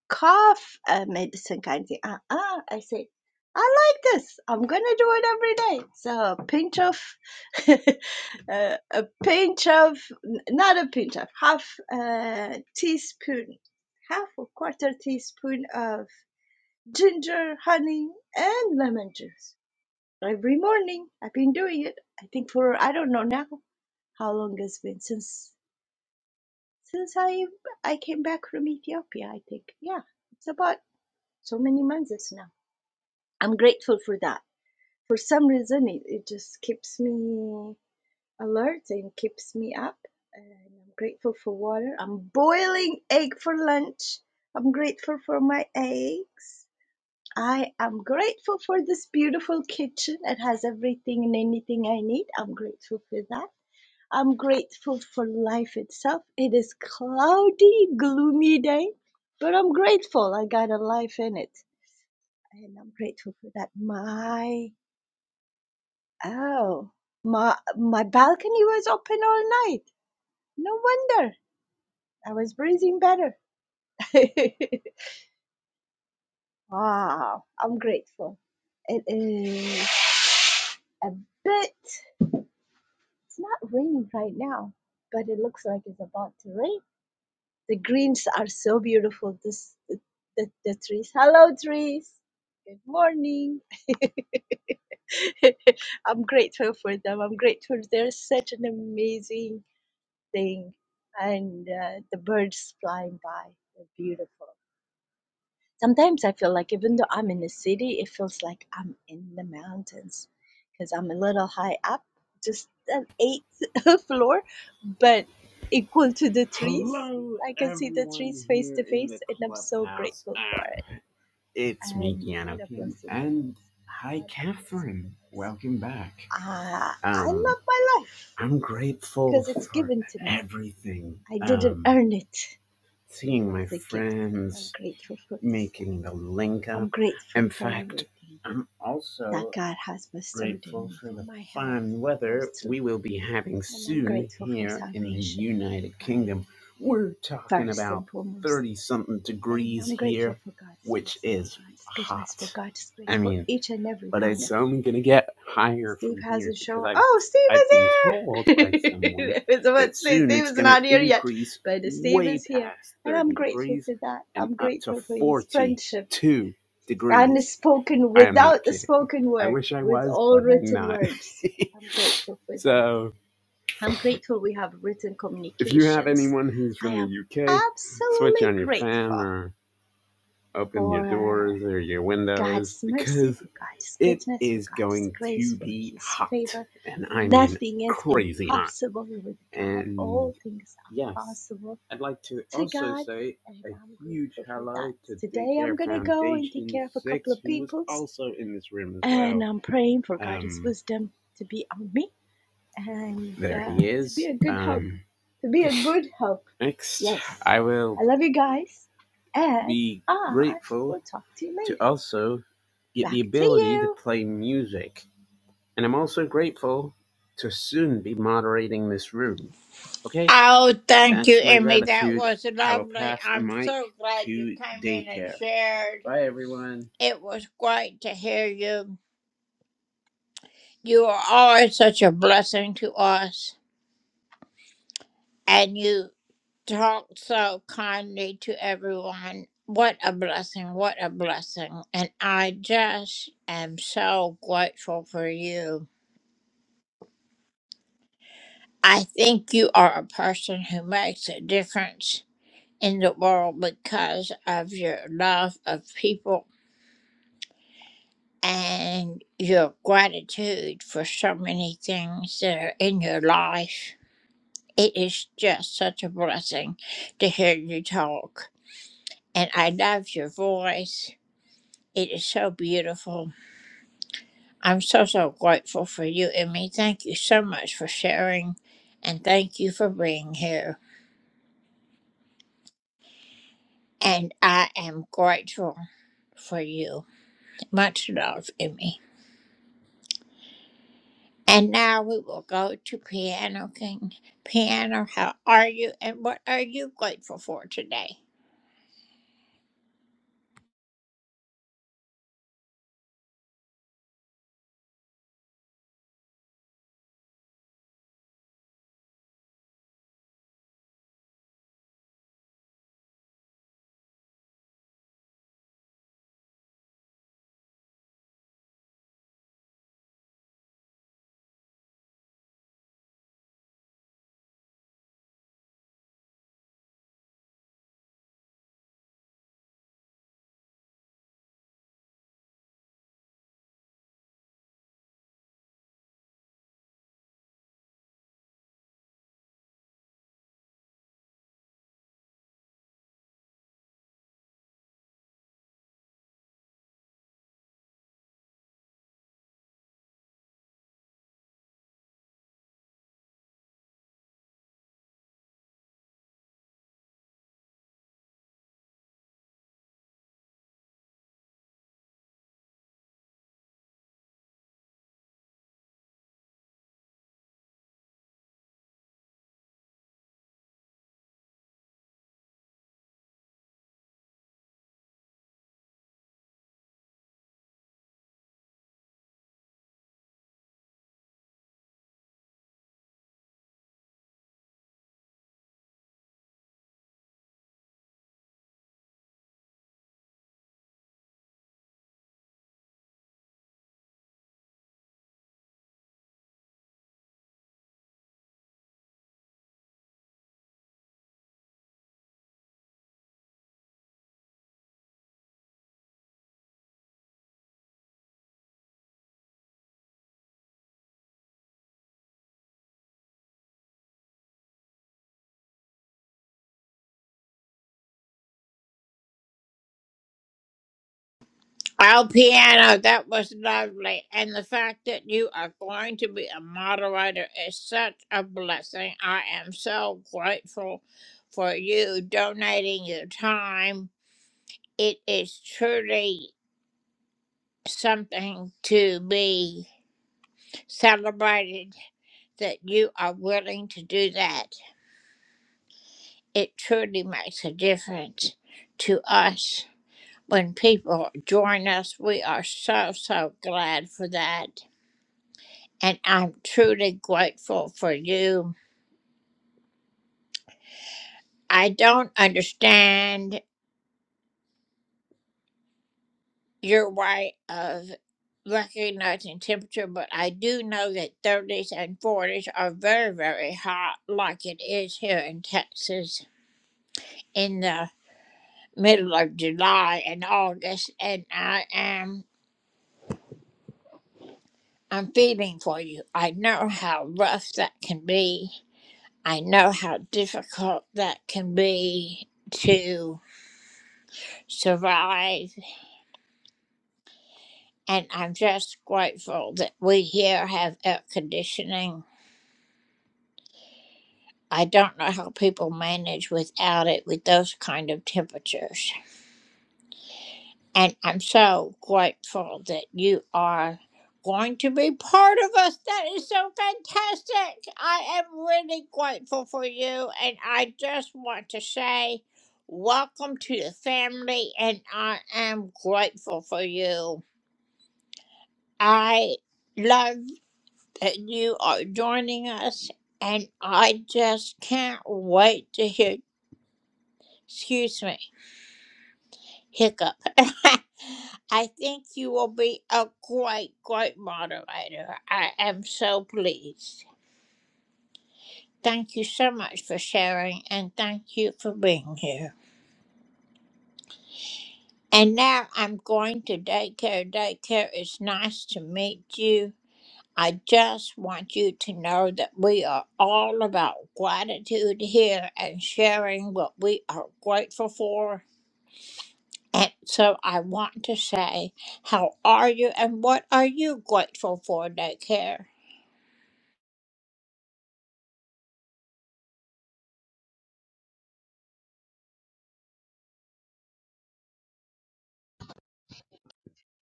S8: cough uh, medicine kind of thing. Uh uh I say, I like this. I'm gonna do it every day. So a pinch of, [LAUGHS] uh, a pinch of, not a pinch of, half a teaspoon, half a quarter teaspoon of ginger, honey, and lemon juice every morning. I've been doing it. I think for I don't know now how long it's been since since I I came back from Ethiopia. I think yeah, it's about so many months now. I'm grateful for that. For some reason, it, it just keeps me alert and keeps me up. And I'm grateful for water. I'm boiling egg for lunch. I'm grateful for my eggs. I am grateful for this beautiful kitchen. It has everything and anything I need. I'm grateful for that. I'm grateful for life itself. It is cloudy, gloomy day, but I'm grateful I got a life in it. And I'm grateful for that. My oh my my balcony was open all night. No wonder. I was breathing better. [LAUGHS] wow. I'm grateful. It is a bit It's not raining right now, but it looks like it's about to rain. The greens are so beautiful. This the, the, the trees. Hello, trees. Good morning. [LAUGHS] I'm grateful for them. I'm grateful. They're such an amazing thing, and uh, the birds flying by. They're beautiful. Sometimes I feel like even though I'm in the city, it feels like I'm in the mountains because I'm a little high up, just an eighth [LAUGHS] floor, but equal to the trees.
S10: Hello,
S8: I can see the trees
S10: everyone
S8: face
S10: here
S8: to
S10: in the
S8: face, and I'm so
S10: clubhouse.
S8: grateful for
S10: Ah,
S8: it.
S10: it's me,
S8: And
S10: Keanu
S8: what a
S10: King,
S8: blessing it
S10: and
S8: is!
S10: hi,
S8: What a blessing
S10: Catherine.
S8: it is.
S10: Welcome back.
S8: Ah, I
S10: Um,
S8: love my life
S10: I'm grateful
S8: because it's
S10: for
S8: given to me.
S10: everything.
S8: I didn't
S10: Um,
S8: earn it. It
S10: seeing
S8: was
S10: my
S8: a gift, and I'm
S10: friends,
S8: grateful for this life.
S10: making the link
S8: I'm
S10: up.
S8: grateful
S10: In
S8: for
S10: fact,
S8: everything.
S10: I'm
S8: that
S10: also
S8: God has bestowed in
S10: Grateful
S8: me
S10: for
S8: for
S10: the
S8: my health
S10: fine weather
S8: mostly.
S10: we will be having
S8: And I'm
S10: soon
S8: grateful for
S10: here in the
S8: salvation
S10: United
S8: prior,
S10: Kingdom. We're talking
S8: first
S10: about
S8: and foremost.
S10: 30 something
S8: And
S10: degrees
S8: I'm
S10: here,
S8: grateful for God's
S10: which
S8: mercy, for
S10: is
S8: God's goodness, for
S10: hot.
S8: God's
S10: I
S8: grace, for
S10: mean,
S8: each and every
S10: but
S8: one of
S10: it's
S8: you.
S10: only going to get higher
S8: Steve
S10: from here
S8: hasn't
S10: because
S8: shown up.
S10: I've
S8: Oh, Steve
S10: I've
S8: is
S10: been told by
S8: here!
S10: someone
S8: [LAUGHS] I was about to
S10: that
S8: say
S10: soon
S8: Steve
S10: it's
S8: is
S10: going to
S8: not here yet,
S10: increase
S8: but Steve
S10: way
S8: is here.
S10: past
S8: And I'm
S10: 30
S8: grateful
S10: degrees
S8: for that.
S10: and
S8: I'm
S10: up to
S8: grateful for his friendship
S10: 42 degrees.
S8: and spoken
S10: I am not
S8: without the
S10: kidding.
S8: spoken
S10: I
S8: word,
S10: wish I
S8: with
S10: was,
S8: all
S10: but I'm
S8: written
S10: not.
S8: words. I'm grateful
S10: [LAUGHS]
S8: for that.
S10: so,
S8: I'm grateful we have written
S10: if you have
S8: communications.
S10: anyone who's
S8: I
S10: from the
S8: am
S10: UK, switch
S8: absolutely
S10: on your fan
S8: grateful
S10: or open your
S8: for
S10: doors or your windows
S8: God's mercy,
S10: because
S8: for God's
S10: it
S8: goodness, for
S10: is
S8: God's
S10: going
S8: grace,
S10: to
S8: for
S10: be
S8: His
S10: hot.
S8: favor.
S10: And I mean
S8: Nothing is
S10: crazy hot.
S8: impossible with God. All
S10: And
S8: things are
S10: yes,
S8: possible
S10: I'd like to
S8: to
S10: also
S8: God,
S10: say
S8: and
S10: a
S8: I'm
S10: huge
S8: grateful for that.
S10: hello to
S8: Today I'm
S10: Daycare
S8: going to go and take
S10: Foundation
S8: care of a couple
S10: 6,
S8: of
S10: who was
S8: people's.
S10: also in this room as
S8: and
S10: well.
S8: I'm praying for God's
S10: Um,
S8: wisdom to be on me and uh,
S10: There he
S8: to be
S10: is.
S8: a good help.
S10: Um,
S8: To be a good help.
S10: next,
S8: Yes.
S10: I will
S8: I love you guys, and
S10: be
S8: I
S10: grateful
S8: will talk to you
S10: to
S8: later.
S10: also get the
S8: Back to
S10: ability to
S8: you.
S10: play music. And I'm also grateful to soon be moderating this room. Okay, that's my gratitude. I will pass the mic to daycare. Bye, everyone.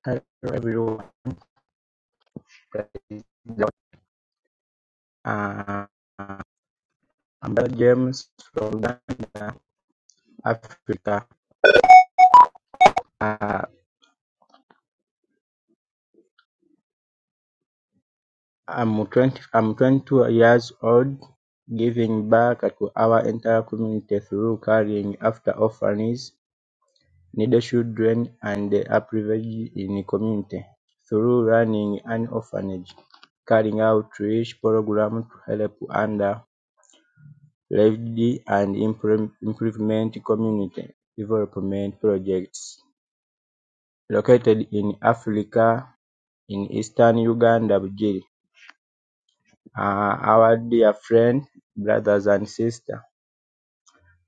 S11: Hello everyone, this is Dr. Uh, James from Uganda, Africa. Uh, I'm 20, I'm 22 years old, giving back to our entire community through caring after orphans, needy children, and the underprivileged in the community through running an orphanage, carrying out outreach programs to help under. Lively and improvement community development projects located in Africa in eastern Uganda Bugiri. Uh, our dear friend, brothers and sisters,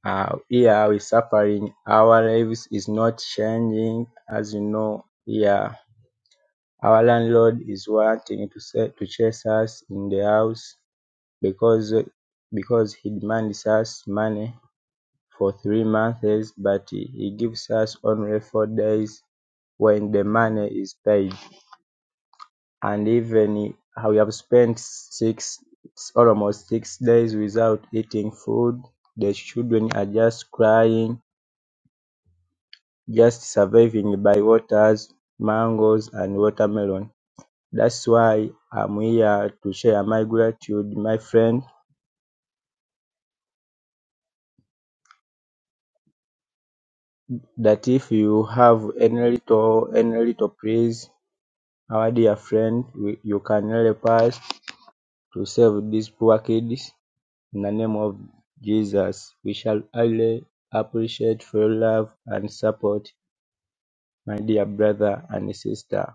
S11: uh, here we suffering. Our lives is not changing, as you know. Yeah, our landlord is wanting to say, to chase us in the house because because he demands us money for three months but he gives us only four days when the money is paid. And even how we have spent six, almost six days without eating food. The children are just crying, just surviving by waters, mangoes, and watermelon. That's why I'm here to share my gratitude, my friend, that if you have any little, any little, praise. Our dear friend, we, you can help us to save these poor kids. In the name of Jesus, we shall highly appreciate for your love and support, my dear brother and sister.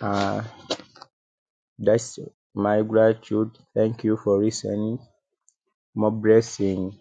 S11: Uh, that's my gratitude. Thank you for listening. More blessing.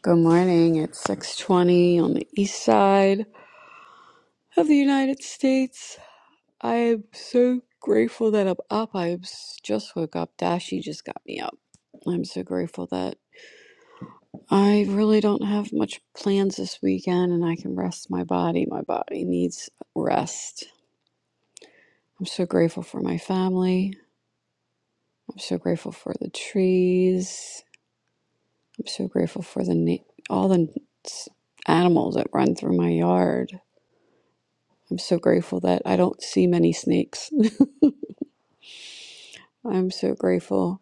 S12: Good morning. It's 6:20 on the east side of the United States. I am so grateful that I'm up. I s- just woke up. Dashi just got me up. I'm so grateful that I really don't have much plans this weekend and I can rest my body. My body needs rest. I'm so grateful for my family. I'm so grateful for the trees. I'm so grateful for the na- all the s- animals that run through my yard. I'm so grateful that I don't see many snakes. [LAUGHS] I'm so grateful.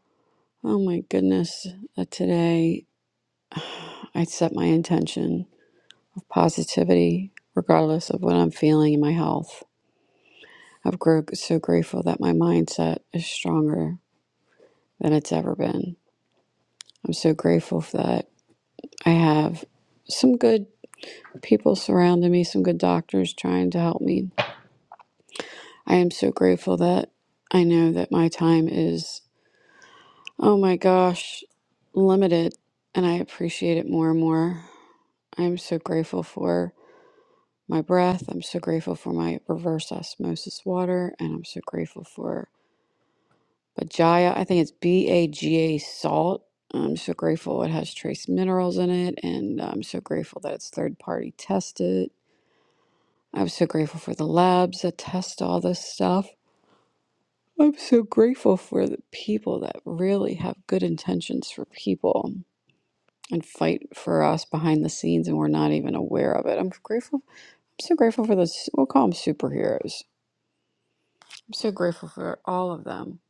S12: Oh my goodness, that today I set my intention of positivity, regardless of what I'm feeling in my health. I'm gr- so grateful that my mindset is stronger than it's ever been. I'm so grateful for that I have some good people surrounding me, some good doctors trying to help me. I am so grateful that I know that my time is Oh my gosh, limited. And I appreciate it more and more. I'm so grateful for my breath. I'm so grateful for my reverse osmosis water. And I'm so grateful for Bajaya. I think it's B A G A salt. I'm so grateful it has trace minerals in it. And I'm so grateful that it's third party tested. I'm so grateful for the labs that test all this stuff. I'm so grateful for the people that really have good intentions for people. and fight for us behind the scenes and we're not even aware of it. I'm grateful. I'm so grateful for those, we'll call them superheroes. I'm so grateful for all of them,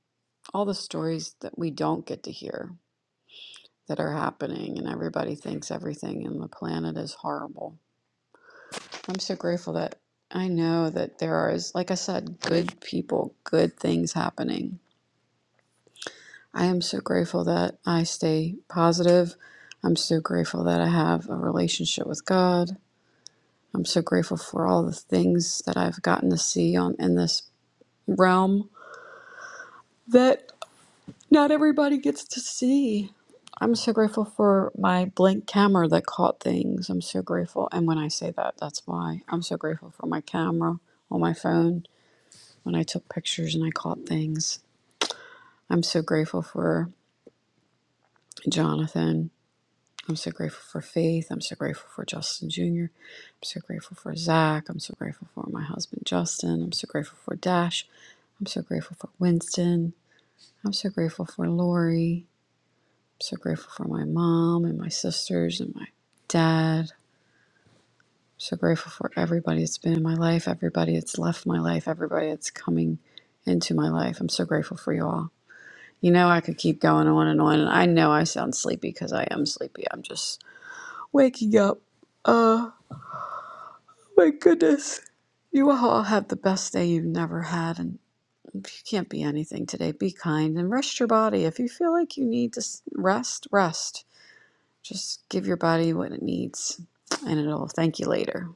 S12: all the stories that we don't get to hear that are happening, and everybody thinks everything in the planet is horrible. I'm so grateful that I know that there are, like I said, good people, good things happening. I am so grateful that I stay positive. I'm so grateful that I have a relationship with God. I'm so grateful for all the things that I've gotten to see on in this realm that not everybody gets to see. I'm so grateful for my blank camera that caught things. I'm so grateful. And when I say that, that's why. I'm so grateful for my camera on my phone when I took pictures and I caught things. I'm so grateful for Jonathan I'm so grateful for Faith. I'm so grateful for Justin Jr. I'm so grateful for Zach. I'm so grateful for my husband, Justin. I'm so grateful for Dash. I'm so grateful for Winston. I'm so grateful for Lori. I'm so grateful for my mom and my sisters and my dad. I'm so grateful for everybody that's been in my life, everybody that's left my life, everybody that's coming into my life. I'm so grateful for you all. You know, I could keep going on and on, and I know I sound sleepy because I am sleepy. I'm just waking up. Uh, My goodness. You all have the best day you've never had. And if you can't be anything today, be kind and rest your body. If you feel like you need to s- rest, rest. Just give your body what it needs, and it'll thank you later.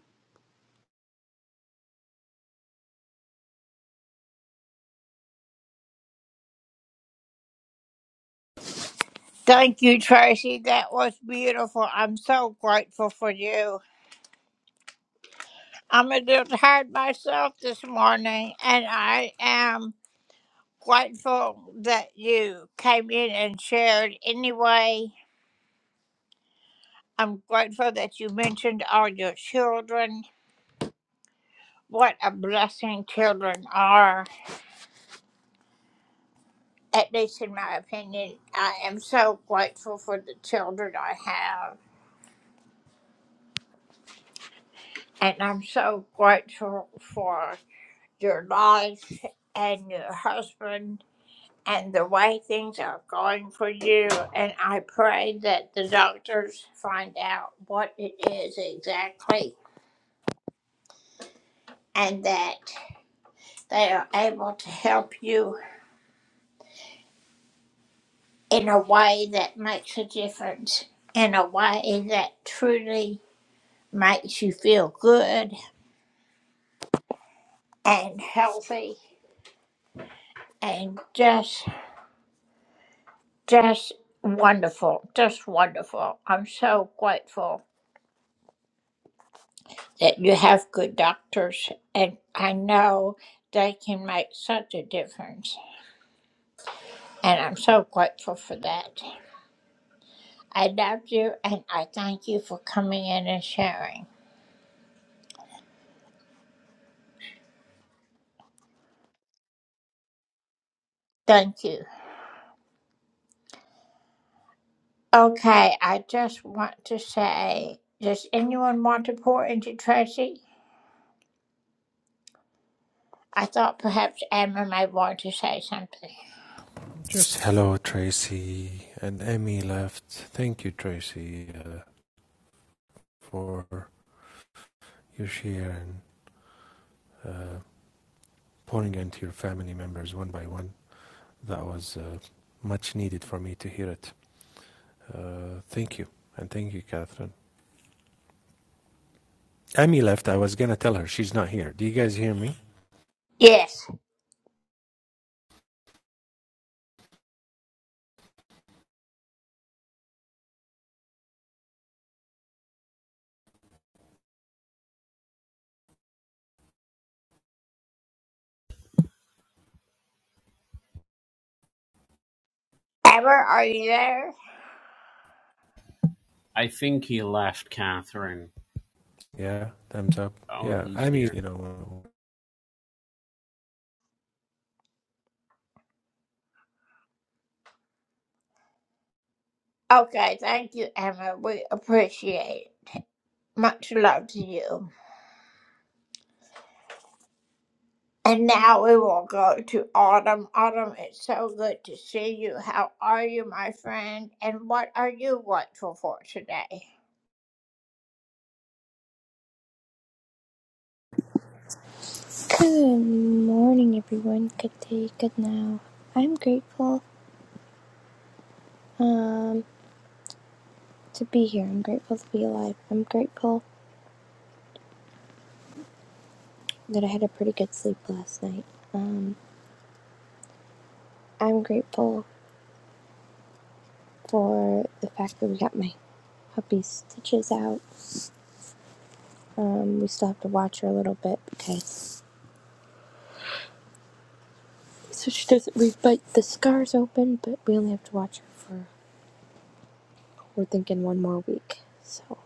S4: Just hello, Tracy. And Emmy left. Thank you, Tracy, uh, for your share and uh, pouring into your family members one by one. That was uh, much needed for me to hear it. Uh, thank you. And thank you, Catherine. Emmy left. I was going to tell her she's not here. Do you guys hear me?
S10: I think he left, Catherine.
S4: Yeah. Thumbs up.
S10: Oh,
S4: Yeah.
S10: he's
S4: Emmy,
S10: here.
S4: you know,
S13: Good morning, everyone. Good day, good now. I'm grateful um, to be here. I'm grateful to be alive. I'm grateful that I had a pretty good sleep last night. Um, I'm grateful for the fact that we got my puppy's stitches out. Um, we still have to watch her a little bit because so she doesn't re-bite the scars open, but we only have to watch her for we're thinking one more week. So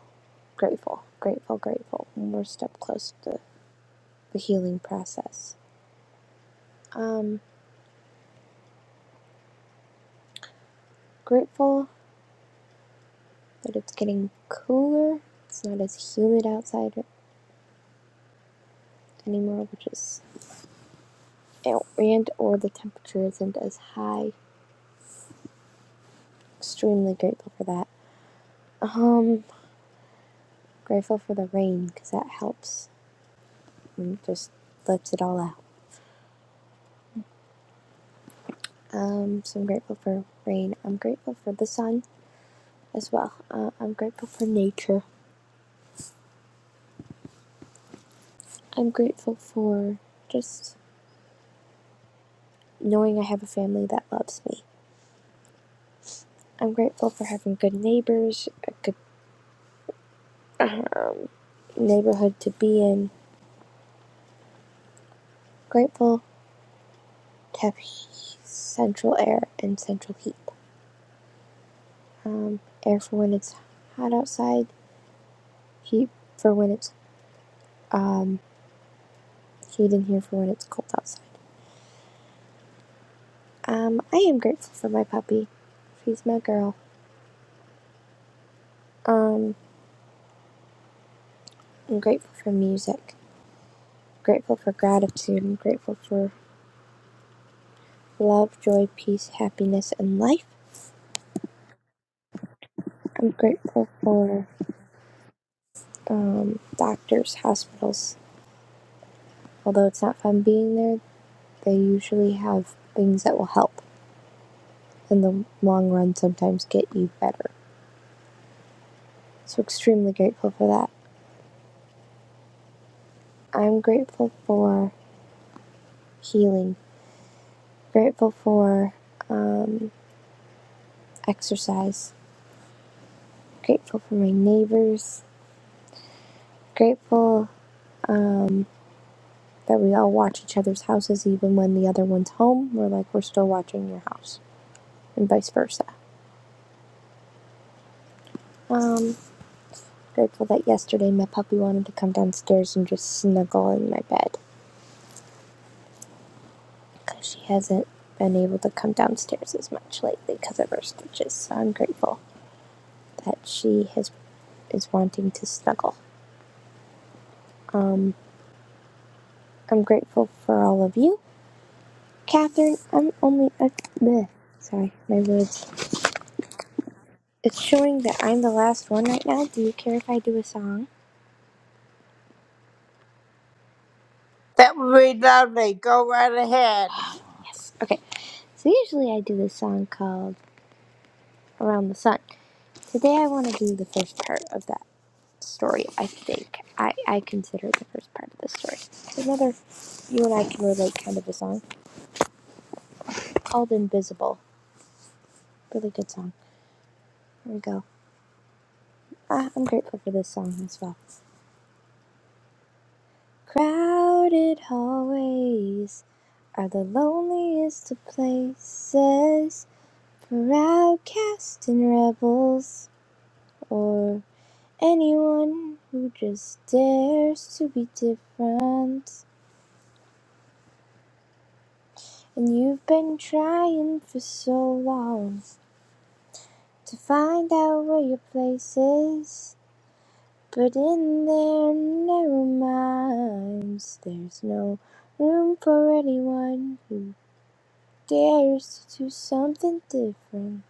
S13: grateful, grateful, grateful. One more step close to. the healing process. Um, grateful that it's getting cooler. It's not as humid outside anymore, which is and or the temperature isn't as high. Extremely grateful for that. Um, grateful for the rain because that helps and just lets it all out. Um, so I'm grateful for rain. I'm grateful for the sun as well. Uh, I'm grateful for nature. I'm grateful for just knowing I have a family that loves me I'm grateful for having good neighbors, a good um, neighborhood to be in. Grateful to have central air and central heat. Um, air for when it's hot outside, heat for when it's um, heat in here for when it's cold outside. Um, I am grateful for my puppy. She's my girl. Um, I'm grateful for music. Grateful for gratitude. I'm grateful for love, joy, peace, happiness, and life. I'm grateful for um, doctors, hospitals. Although it's not fun being there, they usually have things that will help in the long run sometimes get you better. So, extremely grateful for that. I'm grateful for healing, grateful for um, exercise, grateful for my neighbors, grateful um, that we all watch each other's houses even when the other one's home. We're like, we're still watching your house, and vice versa. Um, Grateful that yesterday my puppy wanted to come downstairs and just snuggle in my bed. Because she hasn't been able to come downstairs as much lately because of her stitches. So I'm grateful that she has is wanting to snuggle. Um, I'm grateful for all of you. Catherine, I'm only. a bleh. Sorry, my words. It's showing that I'm the last one right now. Do you care if I do a song? Yes. Okay. So usually I do this song called around the sun. Today I want to do the first part of that story, I think. I, I consider it the first part of the story. There's another you and I can relate kind of a song called Invisible. Really good song. Here we go. Ah, I'm grateful for this song as well. Crowded hallways are the loneliest of places for outcasts and rebels or anyone who just dares to be different. And you've been trying for so long to find out where your place is. But in their narrow minds, there's no room for anyone who dares to do something different.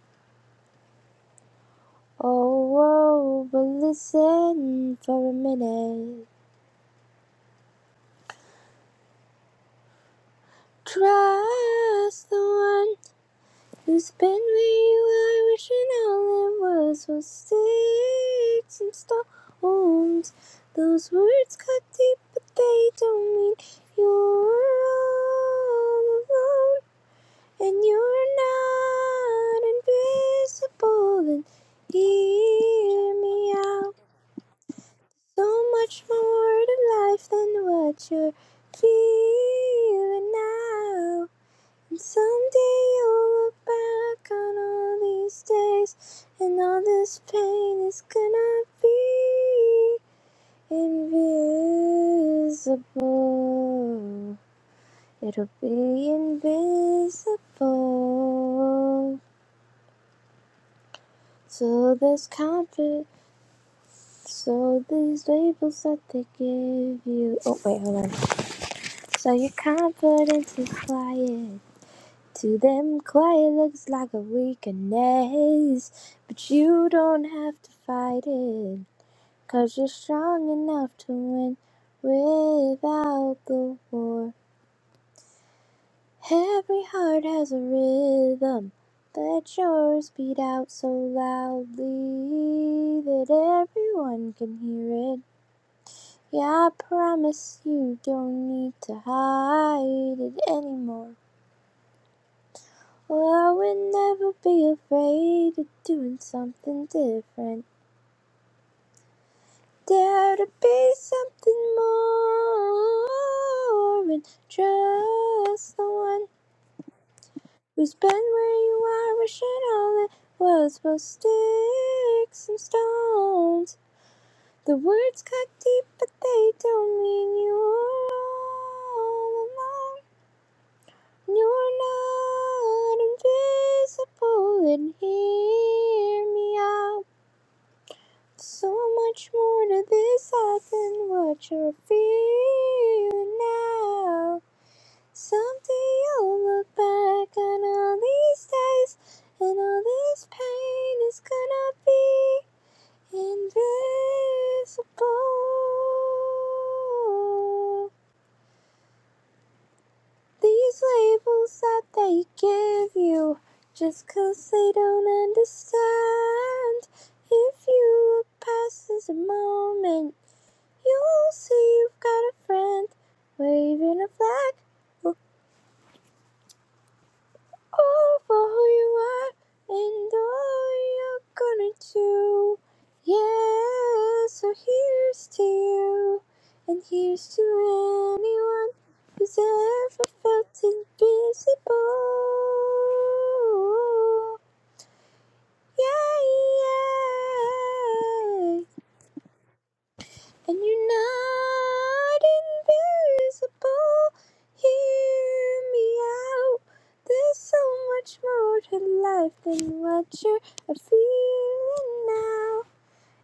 S13: Oh, oh, but listen for a minute. Trust the one It's been where you are, wishing all it was was sticks and stones. Those words cut deep, but they don't mean you're all alone. And you're not invisible, and hear me out. So much more to life than what you're feeling now. Someday you'll look back on all these days, and all this pain is gonna be invisible. It'll be invisible. So there's comfort. So these labels that they give you. Oh wait, hold on. So your confidence is flying. To them, quiet looks like a weakness, but you don't have to fight it you you're strong enough to win without the war. Every heart has a rhythm, let yours beat out so loudly that everyone can hear it. Yeah, I promise you don't need to hide it anymore. Well, I would never be afraid of doing something different. Dare to be something more and trust the one who's been where you are, wishing all it was was sticks and stones. The words cut deep, but they don't mean you're all alone. You're not invisible, and hear me out. So much more to this heart than what you're feeling now. Someday you'll look back on all these days, and all this pain is gonna be invisible. These labels that they give you just 'cause they don't understand. If you look past this moment, you'll see you've got a friend waving a flag. or all for who you are and all you're gonna do. Yeah, so here's to you, and here's to anyone who's ever felt invisible. Yeah, yeah. And you're not invisible. Hear me out. There's so much more to life than what you're feeling now.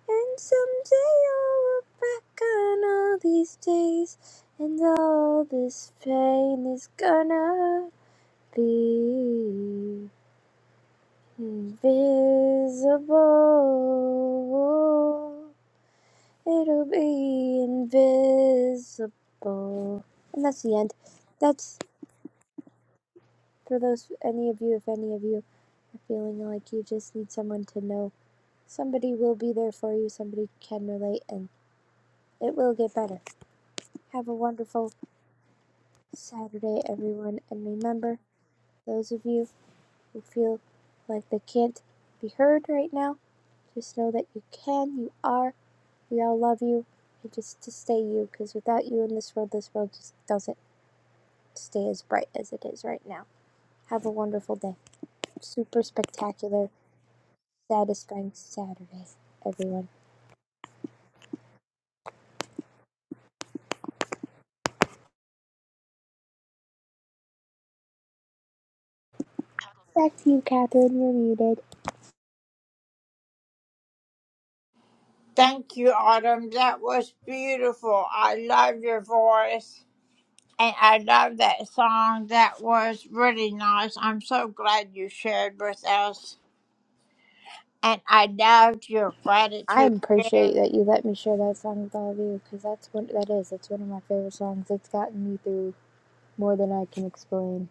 S13: And someday you'll look back on all these days. And all this pain is gonna be invisible. It'll be invisible. And that's the end. That's for those, any of you, if any of you are feeling like you just need someone to know. Somebody will be there for you, somebody can relate, and it will get better. Have a wonderful Saturday, everyone. And remember, those of you who feel like they can't be heard right now, just know that you can, you are. We all love you. And just to stay you, because without you in this world, this world just doesn't stay as bright as it is right now. Have a wonderful day. Super spectacular, satisfying Saturday, everyone. Back to you, Catherine. You're muted. I appreciate that you let me share that song with all of you because that's what that is. It's one of my favorite songs. It's gotten me through more than I can explain.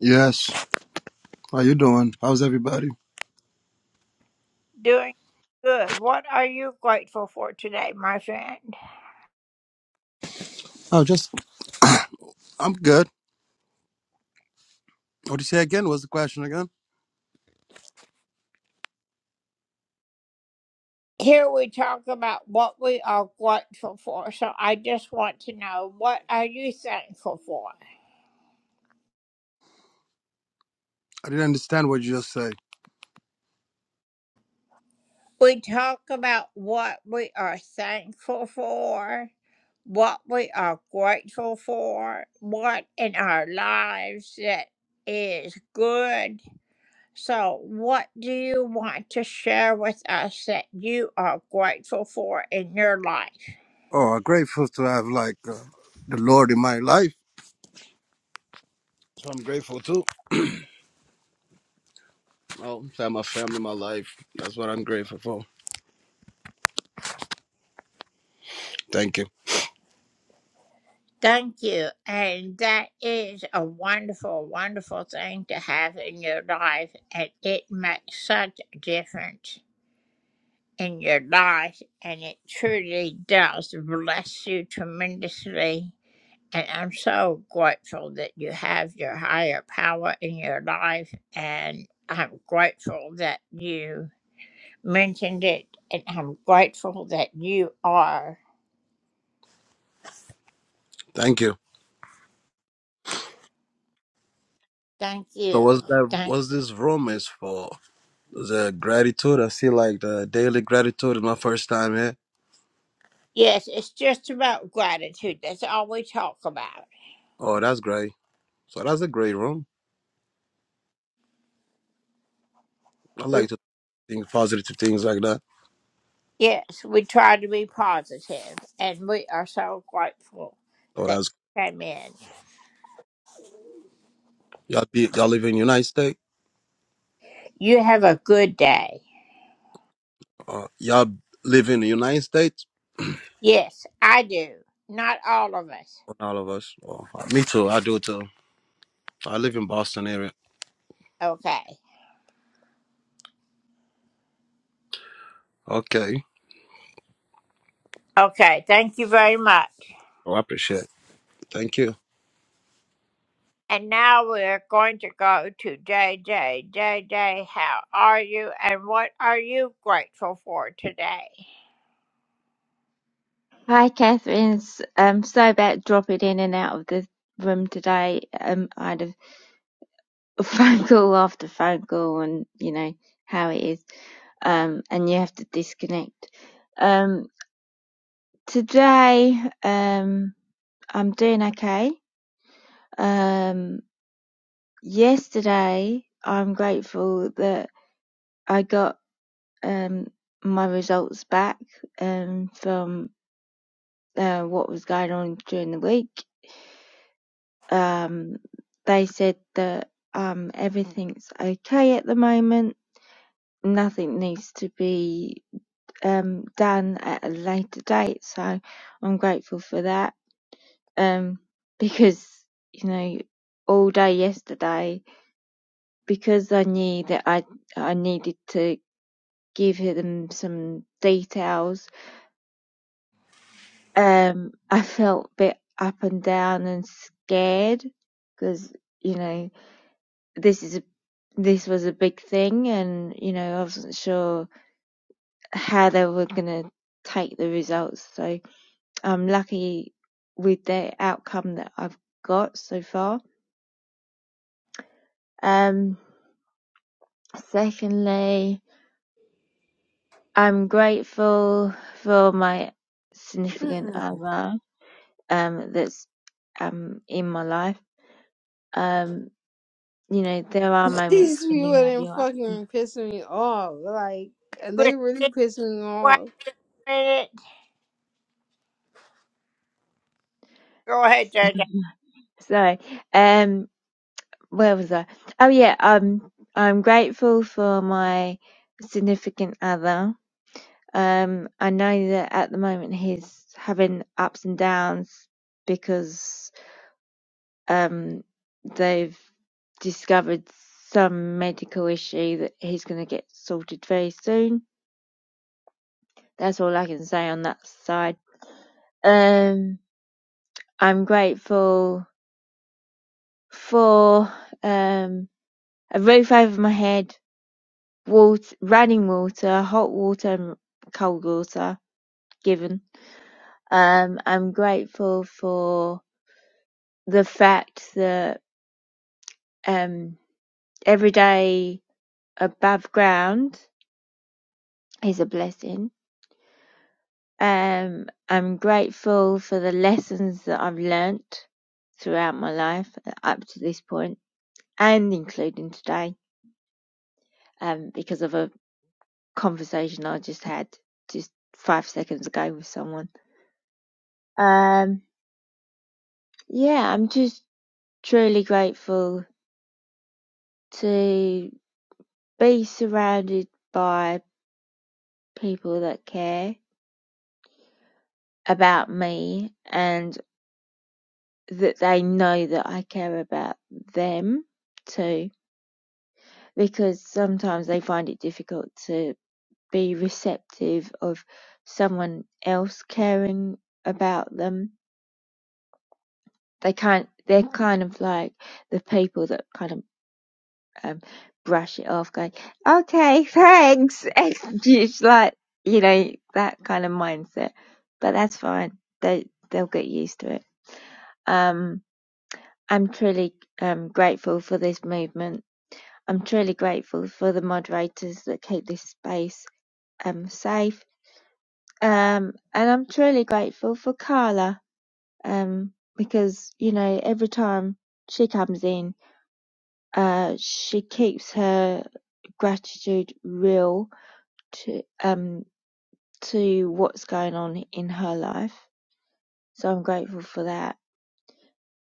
S14: Yes. How you doing? How's everybody? Oh, just I'm good. What do you say again? What's the question again? I didn't understand what you just said. Oh, I'm grateful to have like uh, the Lord in my life. So I'm grateful too. Oh, to have my family, my life. That's what I'm grateful for. Thank you. Thank you. So what's that? What's this room is for? The gratitude. I see like the daily gratitude is my first time here. Oh, that's great. So that's a great room. I like to think positive things like that. Oh, that's y'all be y'all live in United States. Uh, y'all live in the United States? Well, all of us. Oh, me too. I do too. I live in Boston area. Okay. Oh, I appreciate. it. Thank you.
S9: [LAUGHS] Hi, Catherine. S- Um, sorry about dropping in and out of the room today. Um, I had a [LAUGHS] phone call after phone call, and you know how it is. Um, and you have to disconnect. Um, today, um, I'm doing okay. Um, yesterday, I'm grateful that I got. um, my results back um, from uh, what was going on during the week. Um, they said that um, everything's okay at the moment. Nothing needs to be um, done at a later date, so I'm grateful for that. Um, [LAUGHS] because you know, all day yesterday, because I knew that I I needed to give them some details um I felt a bit up and down and scared because you know this is a this was a big thing and you know I wasn't sure how they were gonna take the results so I'm lucky with the outcome that I've got so far um secondly I'm grateful for my significant
S15: Mm-mm.
S9: other um that's um in my life um you know, there are
S15: [LAUGHS]
S9: moments
S15: These
S9: when
S15: people
S9: you have
S15: didn't
S9: your ups.
S15: fucking piss me off. Like, they really pissed me off.
S9: So, um, where was I? Oh yeah, um, I'm grateful for my significant other. Um, I know that at the moment he's having ups and downs because um they've discovered some medical issue that he's going to get sorted very soon. That's all I can say on that side. Um, I'm grateful for um A roof over my head, Water, running water, hot water and cold water given. Um, I'm grateful for the fact that um, every day above ground is a blessing. Um, I'm grateful for the lessons that I've learnt throughout my life up to this point and including today um, because of a conversation I just had just five seconds ago with someone. Um, Yeah, I'm just truly grateful to be surrounded by people that care about me and that they know that I care about them too, because sometimes they find it difficult to be receptive of someone else caring about them. They can't, they're kind of like the people that kind of um, brush it off, going, okay, thanks. [LAUGHS] And it's like, you know, that kind of mindset. But that's fine. They, they'll get used to it. Um, I'm truly um, grateful for this movement. I'm truly grateful for the moderators that keep this space um, safe. Um, and I'm truly grateful for Carla um, because, you know, every time she comes in, uh, she keeps her gratitude real to um to what's going on in her life. So I'm grateful for that.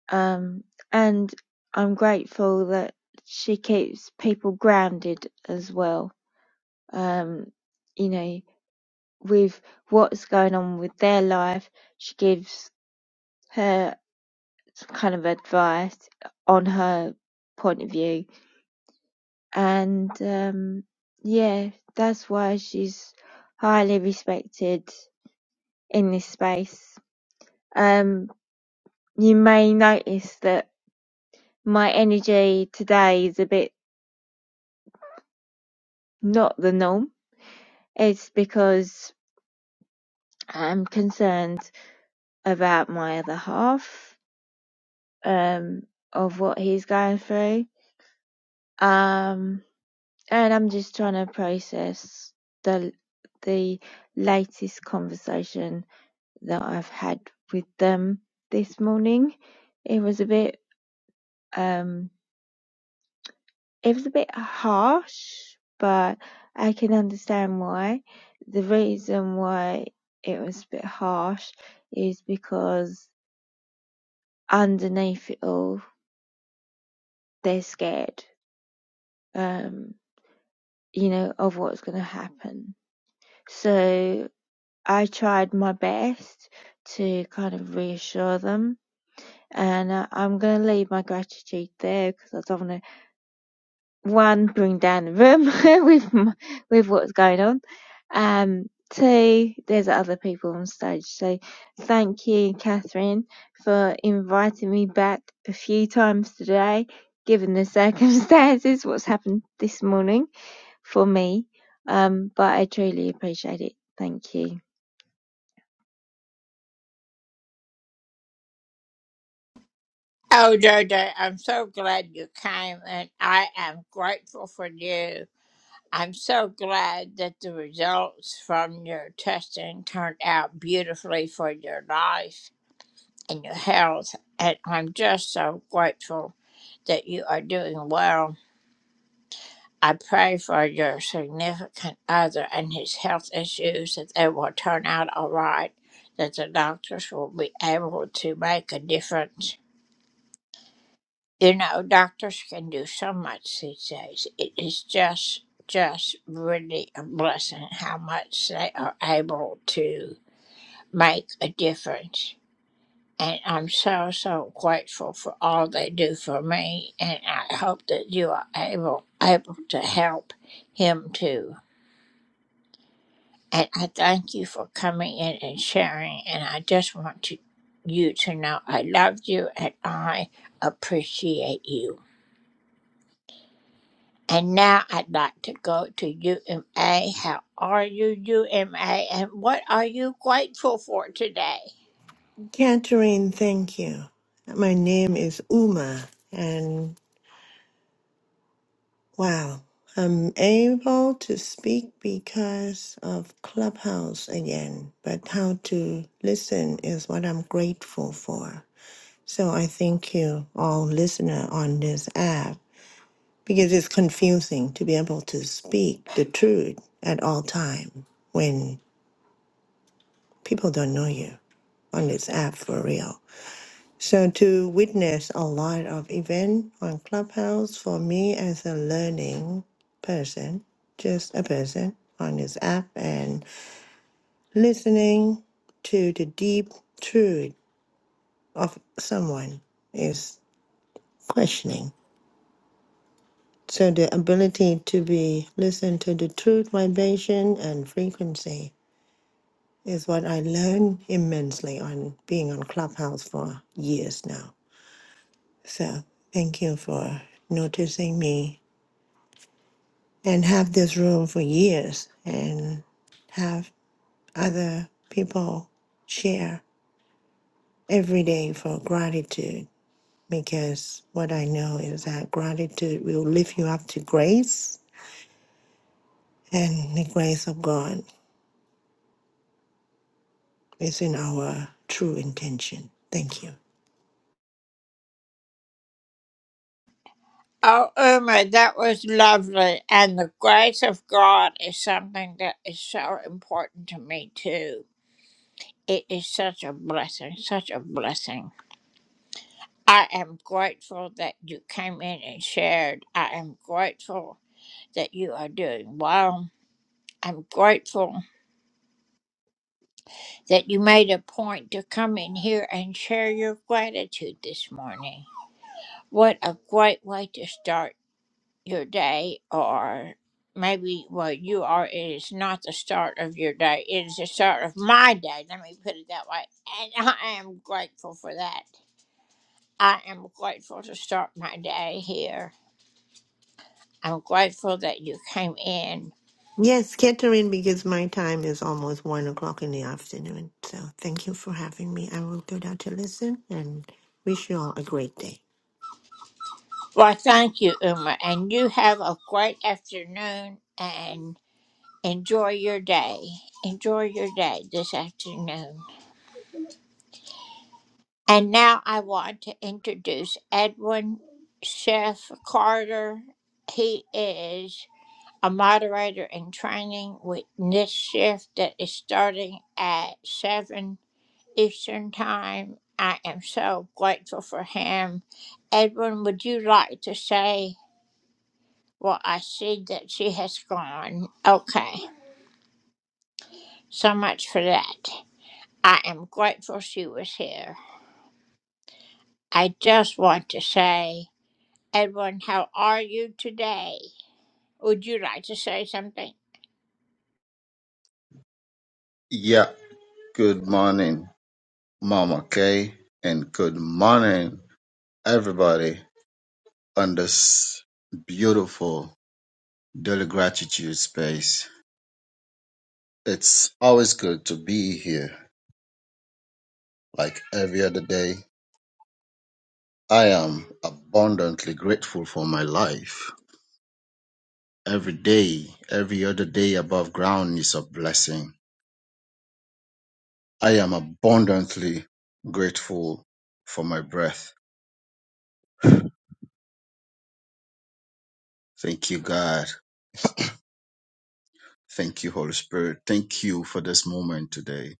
S9: Um and I'm grateful that she keeps people grounded as well. Um you know, with what's going on with their life, she gives her kind of advice on her point of view and um yeah, that's why she's highly respected in this space. Um You may notice that my energy today is a bit not the norm. It's because I'm concerned about my other half, um, of what he's going through. Um, and I'm just trying to process the the latest conversation that I've had with them this morning. It was a bit um It was a bit harsh, but I can understand why. The reason why it was a bit harsh is because underneath it all, they're scared, um, you know, of what's going to happen. So I tried my best to kind of reassure them, and I, I'm going to leave my gratitude there because I don't want to one, bring down the room [LAUGHS] with with what's going on. Um, two, there's other people on stage. So thank you, Catherine, for inviting me back a few times today, given the [LAUGHS] circumstances, what's happened this morning for me. Um, but I truly appreciate it. Thank you.
S16: Catherine, thank you. My name is Uma, and wow, I'm able to speak because of Clubhouse again, but how to listen is what I'm grateful for. So I thank you, all listener on this app, because it's confusing to be able to speak the truth at all time when people don't know you on this app for real. So to witness a lot of event on Clubhouse for me as a learning person, just a person on this app and listening to the deep truth of someone is questioning. So the ability to be listen to the truth vibration and frequency is what I learned immensely on being on Clubhouse for years now. So thank you for noticing me and have this room for years and have other people share every day for gratitude because what I know is that gratitude will lift you up to grace and the grace of God is in our true intention. Thank you. Yes, Catherine, because my time is almost one o'clock in the afternoon. So thank you for having me. I will go down to listen and wish you all a great day.
S17: Yeah, good morning, Mama Kay, and good morning, everybody, on this beautiful daily gratitude space. It's always good to be here, like every other day. I am abundantly grateful for my life. Every day, every other day above ground is a blessing. I am abundantly grateful for my breath. Thank you, God. Thank you, Holy Spirit. Thank you for this moment today.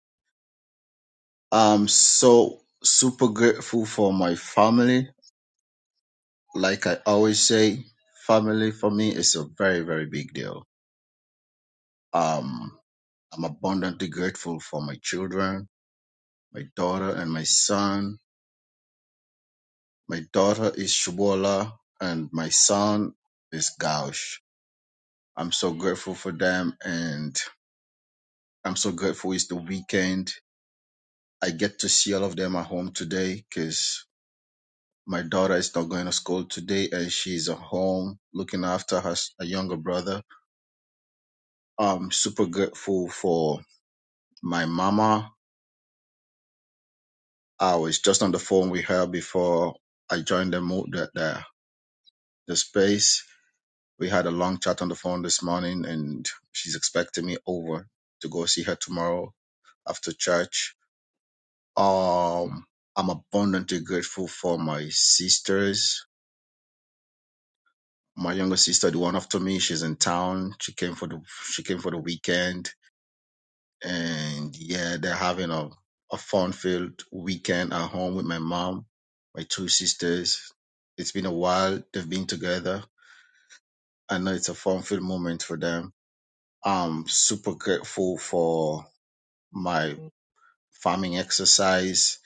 S17: I'm so super grateful for my family. Like I always say, family for me is a very, very big deal. Um, I'm abundantly grateful for my children, my daughter and my son. My daughter is Shubola and my son is Gaush. I'm so grateful for them and I'm so grateful it's the weekend. I get to see all of them at home today, cause. My daughter is not going to school today, and she's at home looking after her s- her younger brother. I'm super grateful for my mama. I was just on the phone with her before I joined the mo- the, the, the space. We had a long chat on the phone this morning, and she's expecting me over to go see her tomorrow after church. Um, I'm abundantly grateful for my sisters my younger sister, the one after me, she's in town. She came for the she came for the weekend and yeah, they're having a, a fun-filled weekend at home with my mom, my two sisters. It's been a while they've been together. I know it's a fun-filled moment for them. I'm super grateful for my farming exercise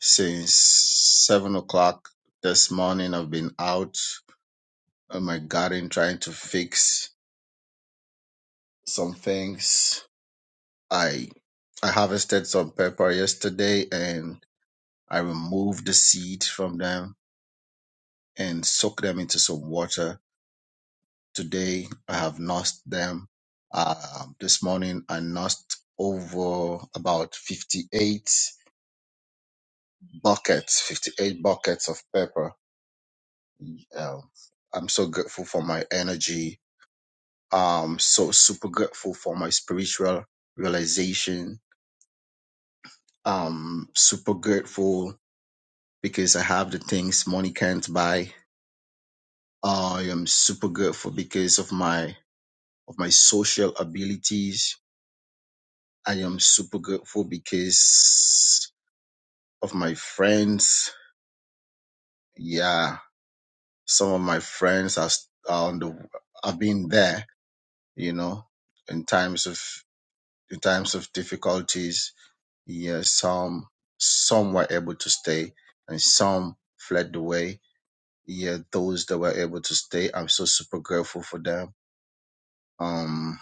S17: since seven o'clock this morning. I've been out in my garden trying to fix some things. I I harvested some pepper yesterday and. I remove the seed from them and soak them into some water. Today, I have nursed them. Uh, this morning, I nursed over about 58 buckets, 58 buckets of pepper. Um, I'm so grateful for my energy. Um, so super grateful for my spiritual realization. Um, super grateful because I have the things money can't buy. I am super grateful because of my of my social abilities. I am super grateful because of my friends. Yeah, some of my friends are, s- are on the have been there, you know, in times of in times of difficulties. Yeah, some some were able to stay, and some fled the way. Yeah, those that were able to stay, I'm so super grateful for them. Um,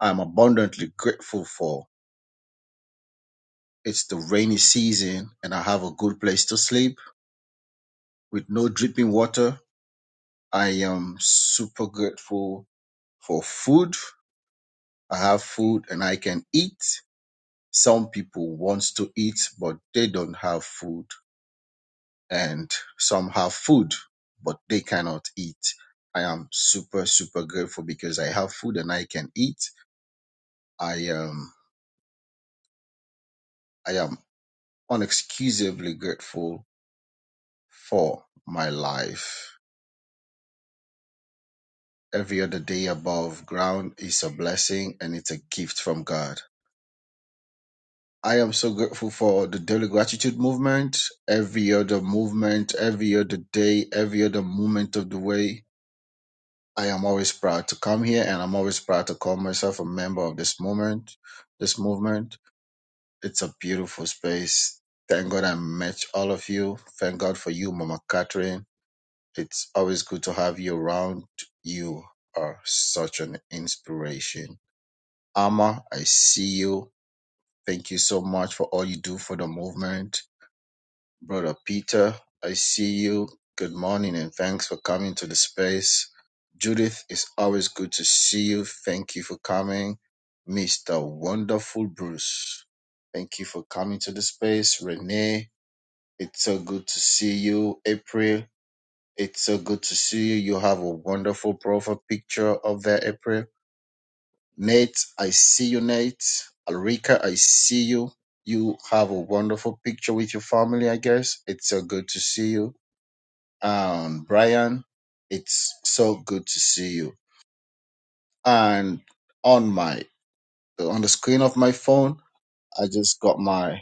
S17: I'm abundantly grateful for It's the rainy season and I have a good place to sleep with no dripping water. I am super grateful for food. I have food and I can eat. Some people want to eat, but they don't have food. And some have food, but they cannot eat. I am super, super grateful because I have food and I can eat. I am, I am unexcusably grateful for my life. every other day above ground is a blessing and it's a gift from God. I am so grateful for the daily gratitude movement, every other movement, every other day, every other moment of the way. I am always proud to come here and I'm always proud to call myself a member of this movement, this movement. It's a beautiful space. Thank God I met all of you. Thank God for you, Mama Catherine. It's always good to have you around. You are such an inspiration Amma, I see you. Thank you so much for all you do for the movement. Brother Peter, I see you. Good morning and thanks for coming to the space. Judith, it's always good to see you. Thank you for coming. Mr. Wonderful Bruce, thank you for coming to the space. Renee, it's so good to see you. April, it's so good to see you. You have a wonderful profile picture of there, April Nate, I see you, Nate. Alrika, I see you. You have a wonderful picture with your family, I guess. It's so good to see you. And Brian, it's so good to see you. And on my on the screen of my phone, I just got my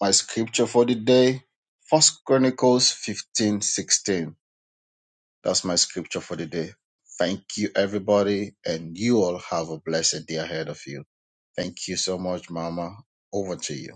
S17: my scripture for the day. First Chronicles fifteen sixteen. That's my scripture for the day. Thank you, everybody, and you all have a blessed day ahead of you. Thank you so much, Mama. Over to you.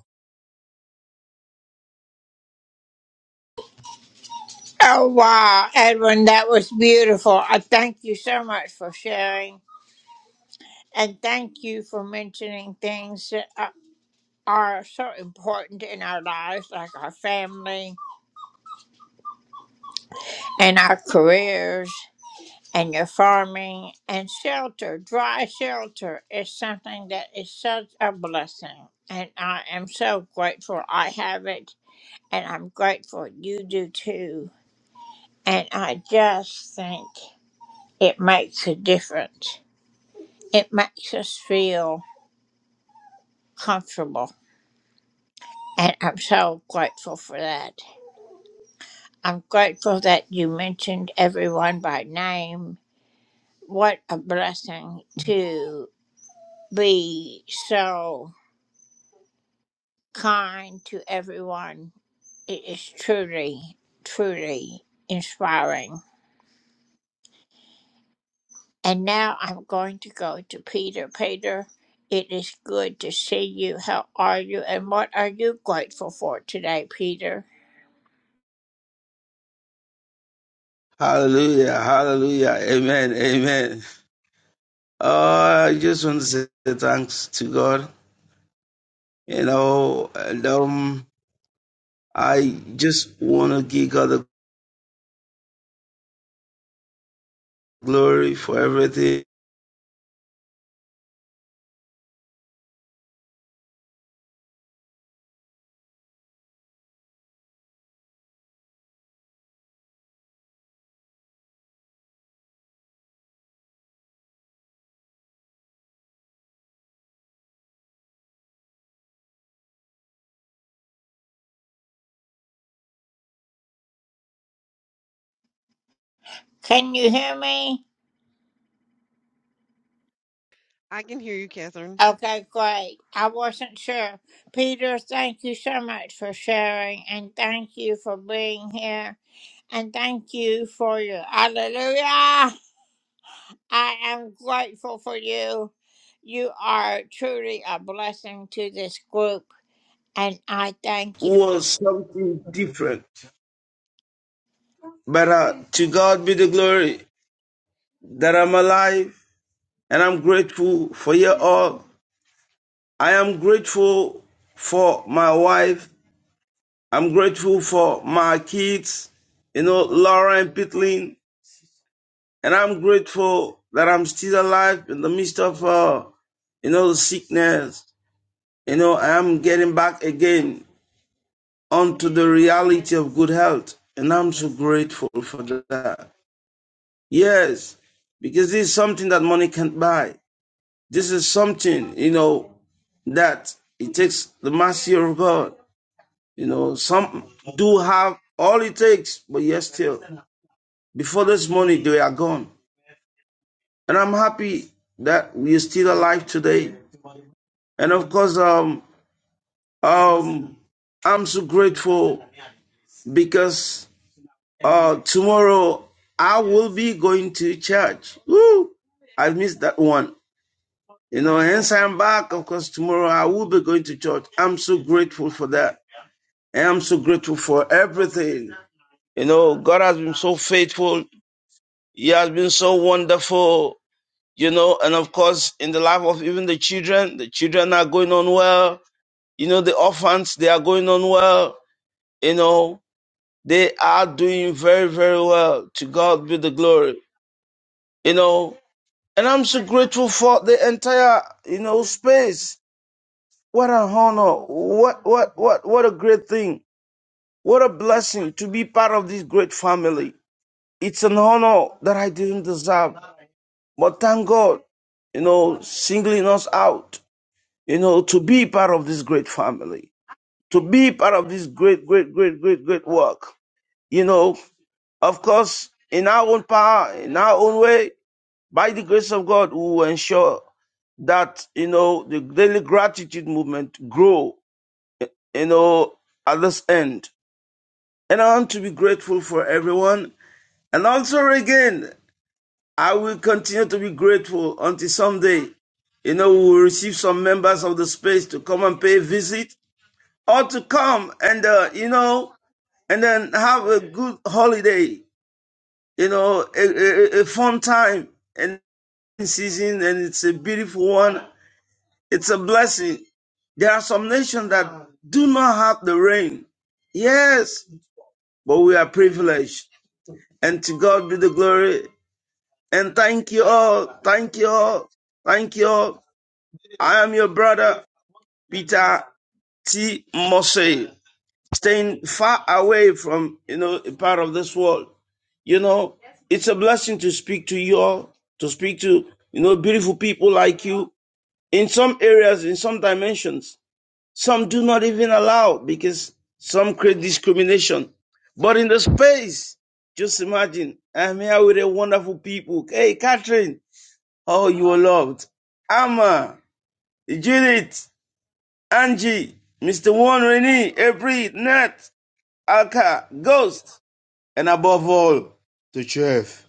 S18: Hallelujah, hallelujah, amen, amen. Uh, I just want to say thanks to God, you know, and um, I just want to give God the glory for everything. It
S19: I can hear you, Catherine.
S18: was something different, but uh, to God be the glory that I'm alive and I'm grateful for you all. I am grateful for my wife, I'm grateful for my kids, you know, Laura and Pitlin. And I'm grateful that I'm still alive in the midst of, uh, you know, the sickness. You know, I'm getting back again onto the reality of good health. And I'm so grateful for that. Yes, because this is something that money can't buy. This is something, you know, that it takes the mercy of God. You know, some do have all it takes, but yes, still, before this money, they are gone. and I'm happy that we're still alive today. And of course, um, um, I'm so grateful because uh, tomorrow I will be going to church. Woo! I missed that one. You know, hence I'm back. Of course, tomorrow I will be going to church. I'm so grateful for that. And I'm so grateful for everything. You know, God has been so faithful. He has been so wonderful. you know, and of course, in the life of even the children, the children are going on well. You know, the orphans, they are going on well. You know, they are doing very, very well. To God be the glory. You know, and I'm so grateful for the entire, you know, space. What an honor. What, what, what, what a great thing. What a blessing to be part of this great family. It's an honor that I didn't deserve. But thank God, you know, singling us out you know, to be part of this great family, to be part of this great, great, great, great, great work. You know, of course, in our own power, in our own way, by the grace of God, we will ensure that, you know, the daily gratitude movement grow, you know, at this end. And I want to be grateful for everyone. And also again, I will continue to be grateful until someday, you know, we will receive some members of the space to come and pay a visit ought to come and uh, you know and then have a good holiday you know a, a, a fun time and season and it's a beautiful one it's a blessing there are some nations that do not have the rain yes but we are privileged and to god be the glory and thank you all thank you all thank you all i am your brother peter t mosse staying far away from you know a part of this world you know it's a blessing to speak to you all to speak to you know beautiful people like you in some areas in some dimensions some do not even allow because some create discrimination but in the space just imagine i'm here with a wonderful people hey catherine oh you are loved amma judith angie mr Juan, renee every nat alka ghost and above all, to Chef,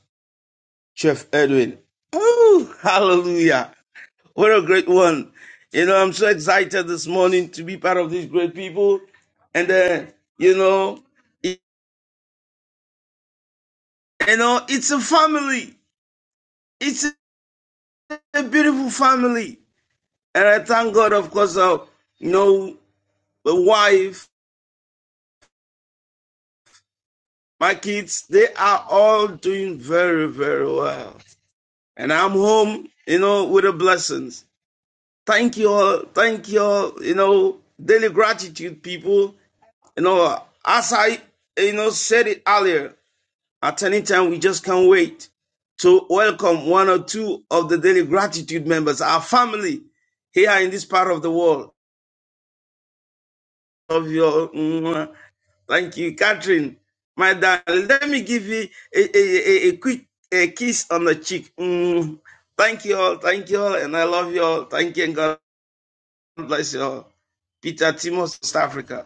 S18: Chef Edwin. Woo! hallelujah. What a great one. You know, I'm so excited this morning to be part of these great people. And, uh, you know, it- you know, it's a family. It's a a beautiful family. And I thank God, of course, uh, you know, the wife, my kids, they are all doing very, very well. And I'm home, you know, with the blessings. Thank you all. Thank you all. You know, daily gratitude, people. You know, as I, you know, said it earlier, at any time, we just can't wait to welcome one or two of the daily gratitude members, our family here in this part of the world. Of your, mm, thank you, Catherine, my darling. Let me give you a, a, a, a quick a kiss on the cheek. Mm, thank you all. Thank you all. And I love you all. Thank you. And God. bless you all. Peter Timos, South Africa.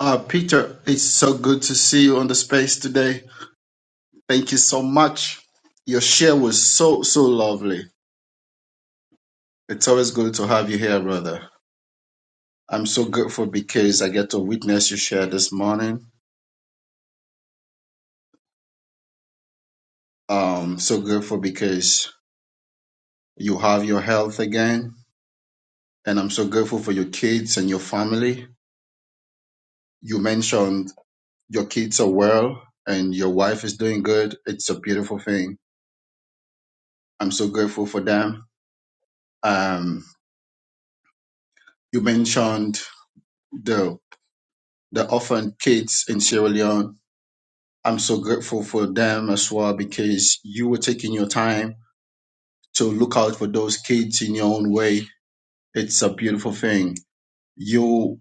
S17: Uh, Peter, it's so good to see you on the space today. Thank you so much. Your share was so, so lovely. It's always good to have you here, brother. I'm so grateful because I get to witness your share this morning. Um, so grateful because you have your health again. And I'm so grateful for your kids and your family. You mentioned your kids are well and your wife is doing good. It's a beautiful thing. I'm so grateful for them. Um, you mentioned the the orphan kids in Sierra Leone. I'm so grateful for them as well because you were taking your time to look out for those kids in your own way. It's a beautiful thing. You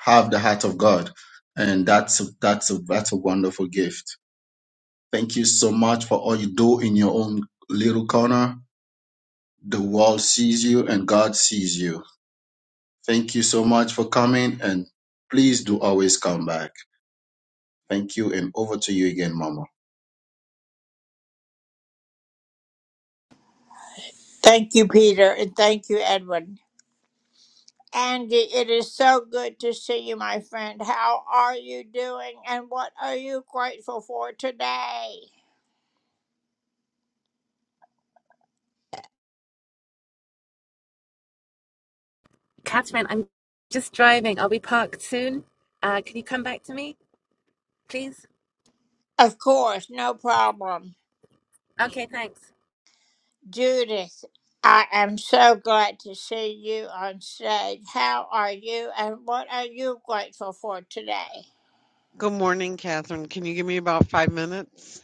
S17: have the heart of God, and that's a, that's a, that's a wonderful gift. Thank you so much for all you do in your own little corner. The world sees you, and God sees you. Thank you so much for coming, and please do always come back. Thank you, and over to you again, Mama.
S20: Catherine, I'm just driving. I'll be parked soon. Uh, can you come back to me, please? Okay, thanks.
S19: Good morning, Catherine. Can you give me about five minutes?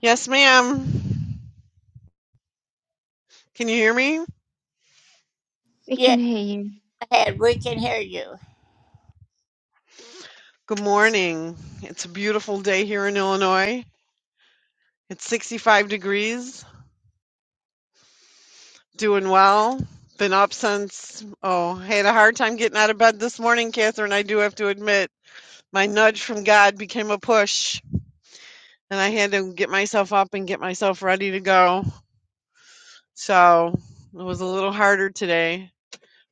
S19: Yes, ma'am. Can you hear me?
S9: We can hear you.
S19: Good morning. It's a beautiful day here in Illinois. It's 65 degrees. Doing well. Been up since, oh, I had a hard time getting out of bed this morning, Catherine. I do have to admit, my nudge from God became a push, and I had to get myself up and get myself ready to go. So it was a little harder today.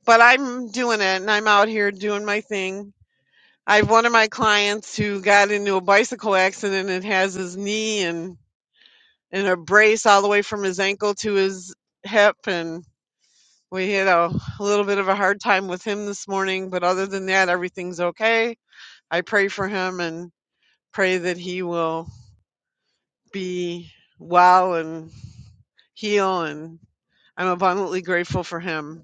S19: but I'm doing it and I'm out here doing my thing. I have one of my clients who got into a bicycle accident and has his knee and, and a brace all the way from his ankle to his hip. And we had a little bit of a hard time with him this morning. But other than that, everything's okay. I pray for him and pray that he will be well and heal. And I'm abundantly grateful for him.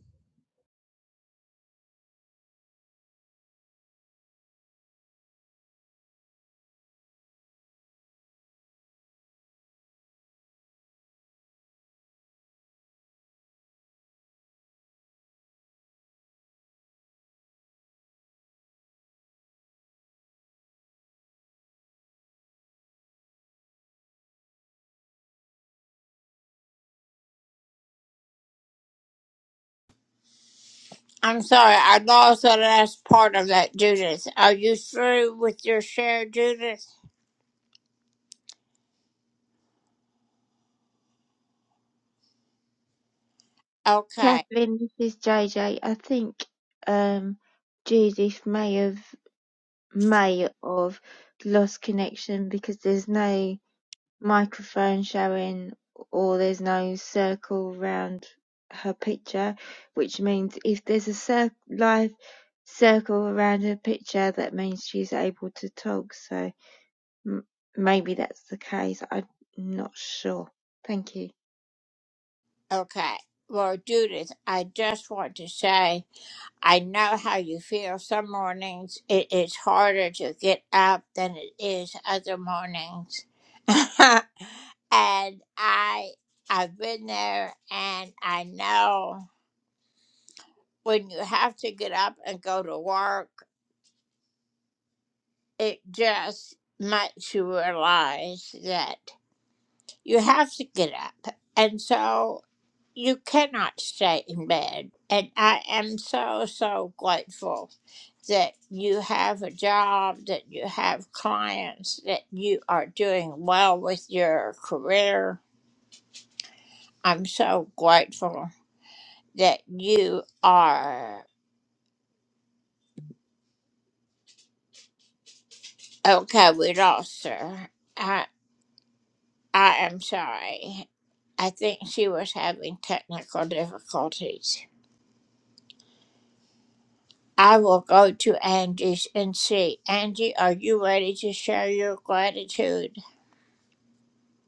S9: Catherine, this is JJ. I think um, Judith may have. may of lost connection because there's no microphone showing or there's no circle around her picture, which means if there's a cir- live circle around her picture, that means she's able to talk. So m- maybe that's the case. I'm not sure. Thank you.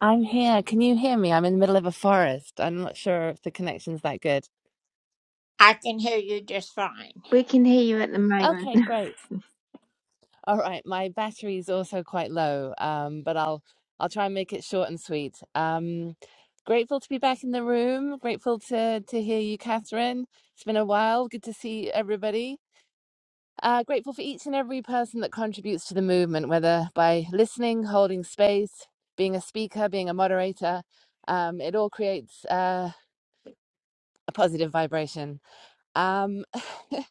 S20: I'm here. Can you hear me? I'm in the middle of a forest. I'm not sure if the connection's that good.
S9: We can hear you at the moment. [LAUGHS]
S20: Okay, great. All right, my battery's also quite low, um, but I'll I'll try and make it short and sweet. Um, grateful to be back in the room. Grateful to to hear you, Catherine. It's been a while. Good to see everybody. Uh, grateful for each and every person that contributes to the movement, whether by listening, holding space, being a speaker, being a moderator. Um, it all creates uh, a positive vibration. Um, [LAUGHS]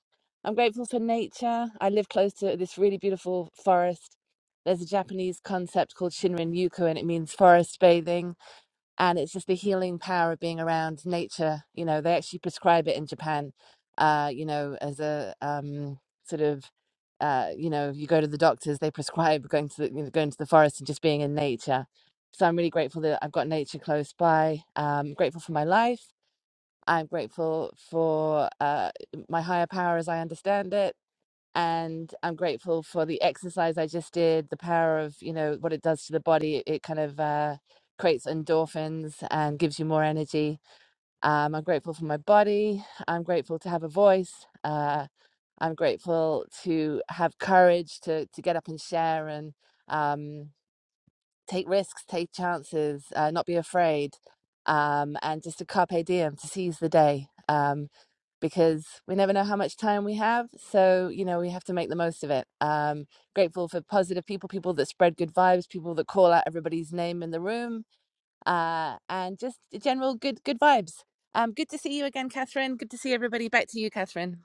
S20: I'm grateful for nature. I live close to this really beautiful forest. There's a Japanese concept called Shinrin Yuko, and it means forest bathing and it's just the healing power of being around nature. You know, they actually prescribe it in Japan. Uh, you know, as a um, sort of, uh, you know, you go to the doctors, they prescribe going to the, you know, going to the forest and just being in nature. So I'm really grateful that I've got nature close by. Um, grateful for my life. I'm grateful for uh, my higher power as I understand it and I'm grateful for the exercise I just did, the power of, you know, what it does to the body. It, it kind of uh, creates endorphins and gives you more energy. Um, I'm grateful for my body. I'm grateful to have a voice. Uh, I'm grateful to have courage to, to get up and share and um, take risks, take chances, uh, not be afraid, um, and just a carpe diem to seize the day. Um, because we never know how much time we have. So, you know, we have to make the most of it. Um, grateful for positive people, people that spread good vibes, people that call out everybody's name in the room, uh, and just general good good vibes. Um, good to see you again, Catherine. Good to see everybody. Back to you, Catherine.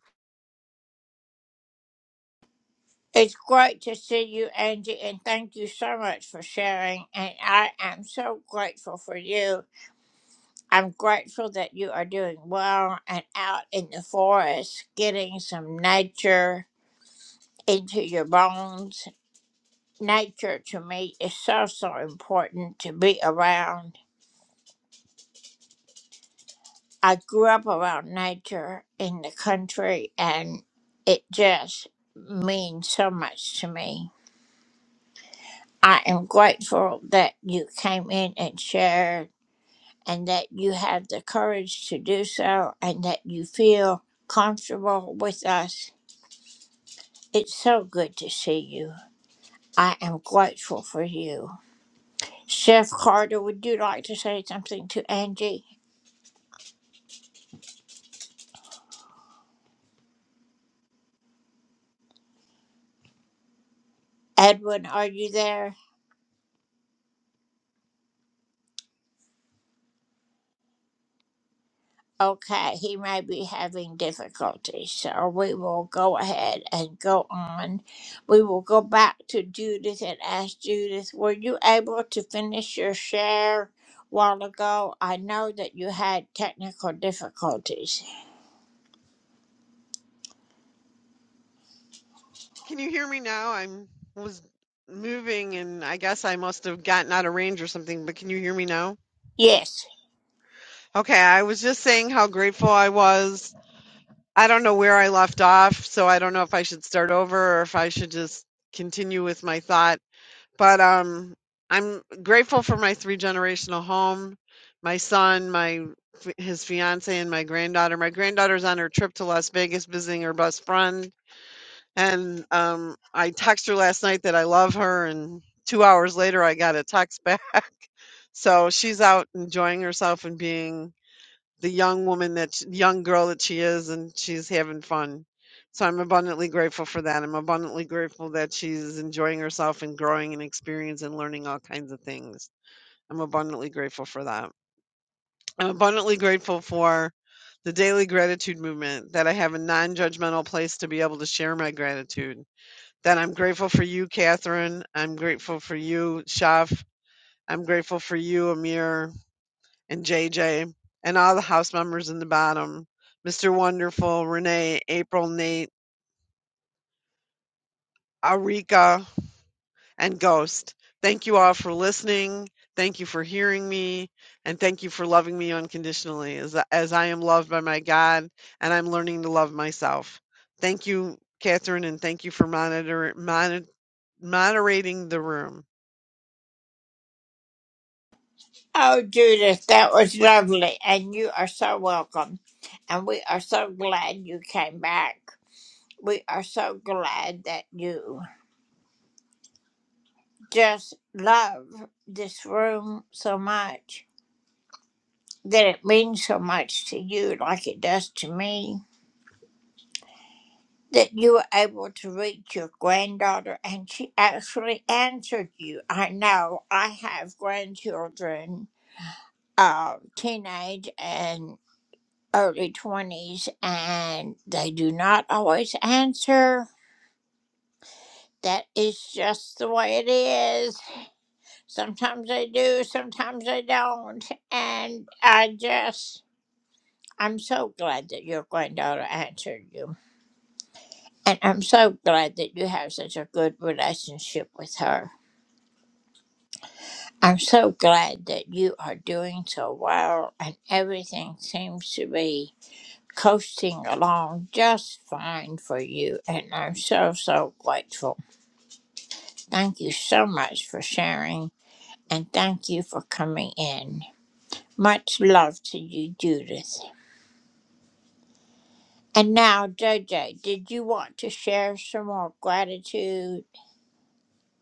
S19: Can you hear me now? I'm was moving and I guess I must have gotten out of range or something, but can you hear me now? Okay, I was just saying how grateful I was. I don't know where I left off, so I don't know if I should start over or if I should just continue with my thought. But um I'm grateful for my three generational home, my son, my his fiance and my granddaughter. My granddaughter's on her trip to Las Vegas visiting her best friend And um, I text her last night that I love her, and two hours later, I got a text back. [LAUGHS] So she's out enjoying herself and being the young woman that sh- young girl that she is, and she's having fun. So I'm abundantly grateful for that. I'm abundantly grateful that she's enjoying herself and growing and experience and learning all kinds of things. I'm abundantly grateful for that. I'm abundantly grateful for the daily gratitude movement that I have a non-judgmental place to be able to share my gratitude that I'm grateful for you, Catherine. I'm grateful for you, Shaf. I'm grateful for you, Amir and JJ, and all the house members in the bottom Mr. Wonderful, Renee, April, Nate, Arika, and Ghost. Thank you all for listening. Thank you for hearing me. And thank you for loving me unconditionally as, as I am loved by my God and I'm learning to love myself. Thank you, Catherine, and thank you for monitor, monitor, moderating the room.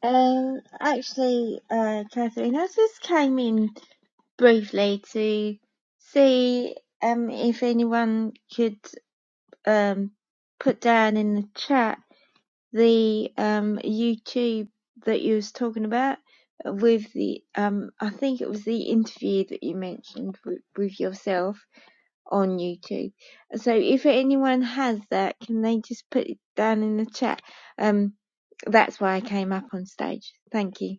S9: Um, actually, uh, Catherine, I just came in briefly to see um if anyone could um put down in the chat the um YouTube that you was talking about with the um I think it was the interview that you mentioned with, with yourself on YouTube. So if anyone has that, can they just put it down in the chat? Um, that's why I came up on stage. Thank you.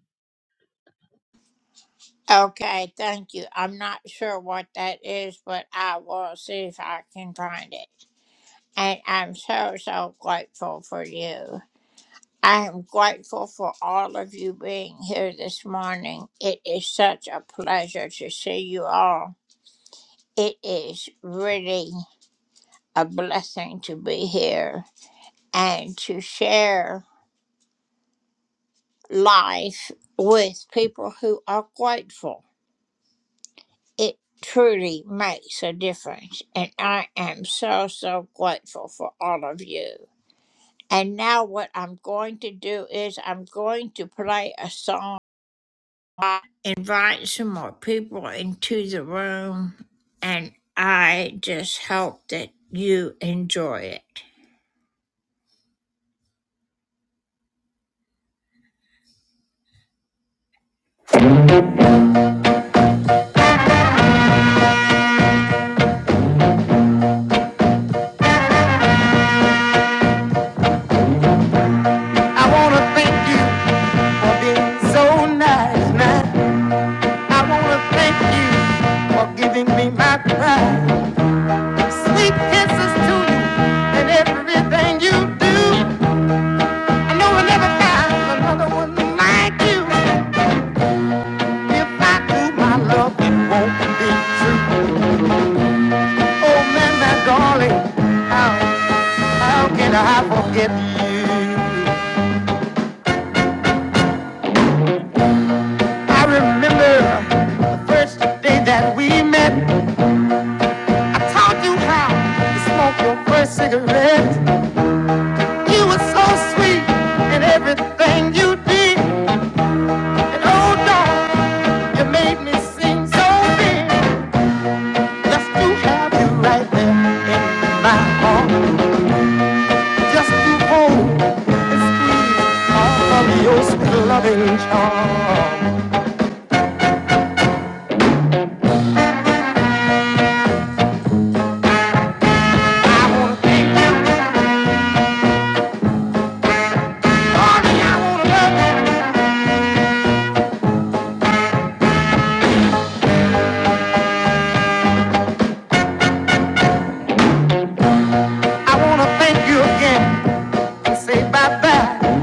S1: I wanna thank you for being so nice, man. I wanna thank you for giving me my prize. Sweet kisses to you and everything you do. I know I will never find another one like you. If I do my love, it won't be true. Oh man, my darling, how how can I forget you? I remember the first day that we met. I taught you how to smoke your first cigarette. You were so sweet in everything you did. And oh, darling, you made me seem so big. Just to have you right there in my arms. Just to hold and squeeze all of your sweet loving charm. I wanna thank you, darling. I wanna love you. I wanna thank you again. Say bye bye.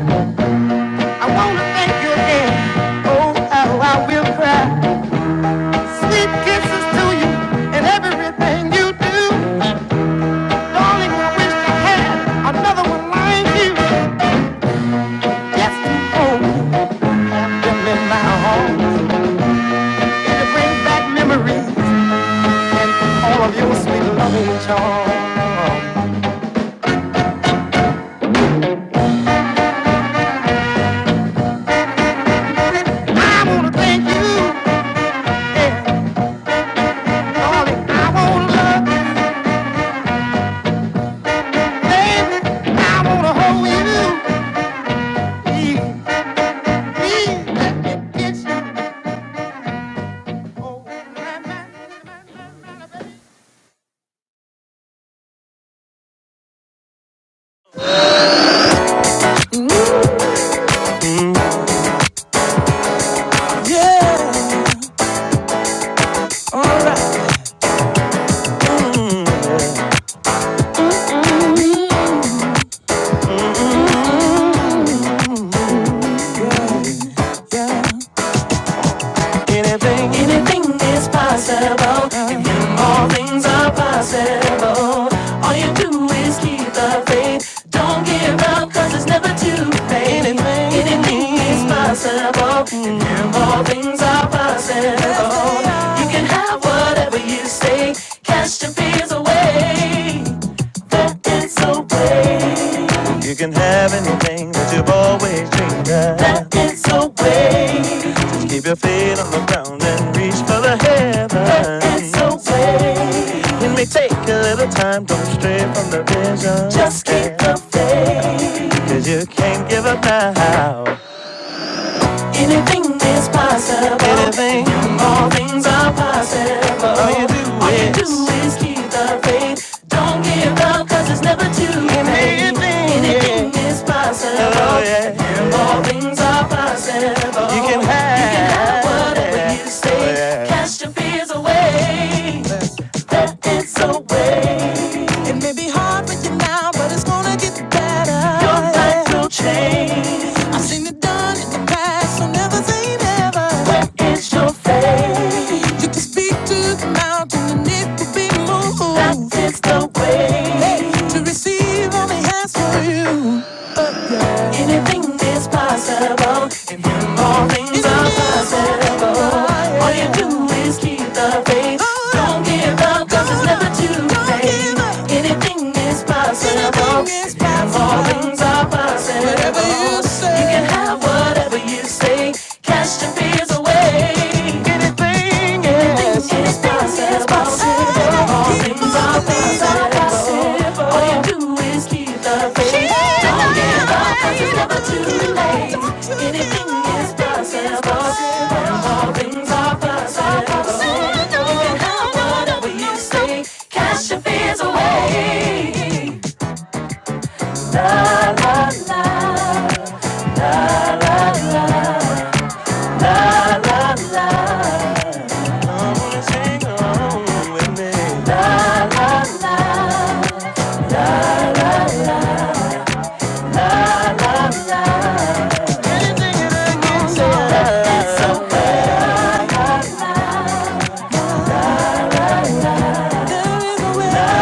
S1: I wanna thank you again. Oh, how I will cry. Sweet kisses to you and everything you do. Darling, I wish I had another one like you. Just to hold them in my arms and to bring back memories. All of your sweet loving charms. I wanna thank you. Yeah, darling, I wanna love you. Baby, I wanna hold you. Yeah. Anything, anything is possible. In Him, all things are possible. All you do is keep the faith. Don't give up, cause it's never too late. Anything, anything is possible. In Him, all things are possible. You can have whatever you say. Cast your fears away. That is so way. You can have anything that you've always dreamed of. That is so way. Just keep your feet on the ground and reach for the heavens. That is so way. It may take a little time, don't stray from the vision. Just keep the faith, 'cause you can't give up now. Anything is possible. Anything. All things are possible. All you do, All you is. you do is keep the faith. Don't give up, cause it's never too late. Anything, Anything yeah. is possible. Oh, yeah. yeah. All things are possible. You can have, you can have whatever yeah. you say. Oh, yeah. Cast your fears away. Let it away. Your life will change. I've seen it done in the past, so never say never. Where is your faith? You can speak to the mountain and it will be moved. That is the way. Hey, to receive only has for you. Anything is possible all things are possible. All you do is keep the faith. Don't give up, cause it's never too late. Anything is possible. All things are possible. You can have whatever you say. Cast your fears away. Cash your fears. Hang on with me. There is a will.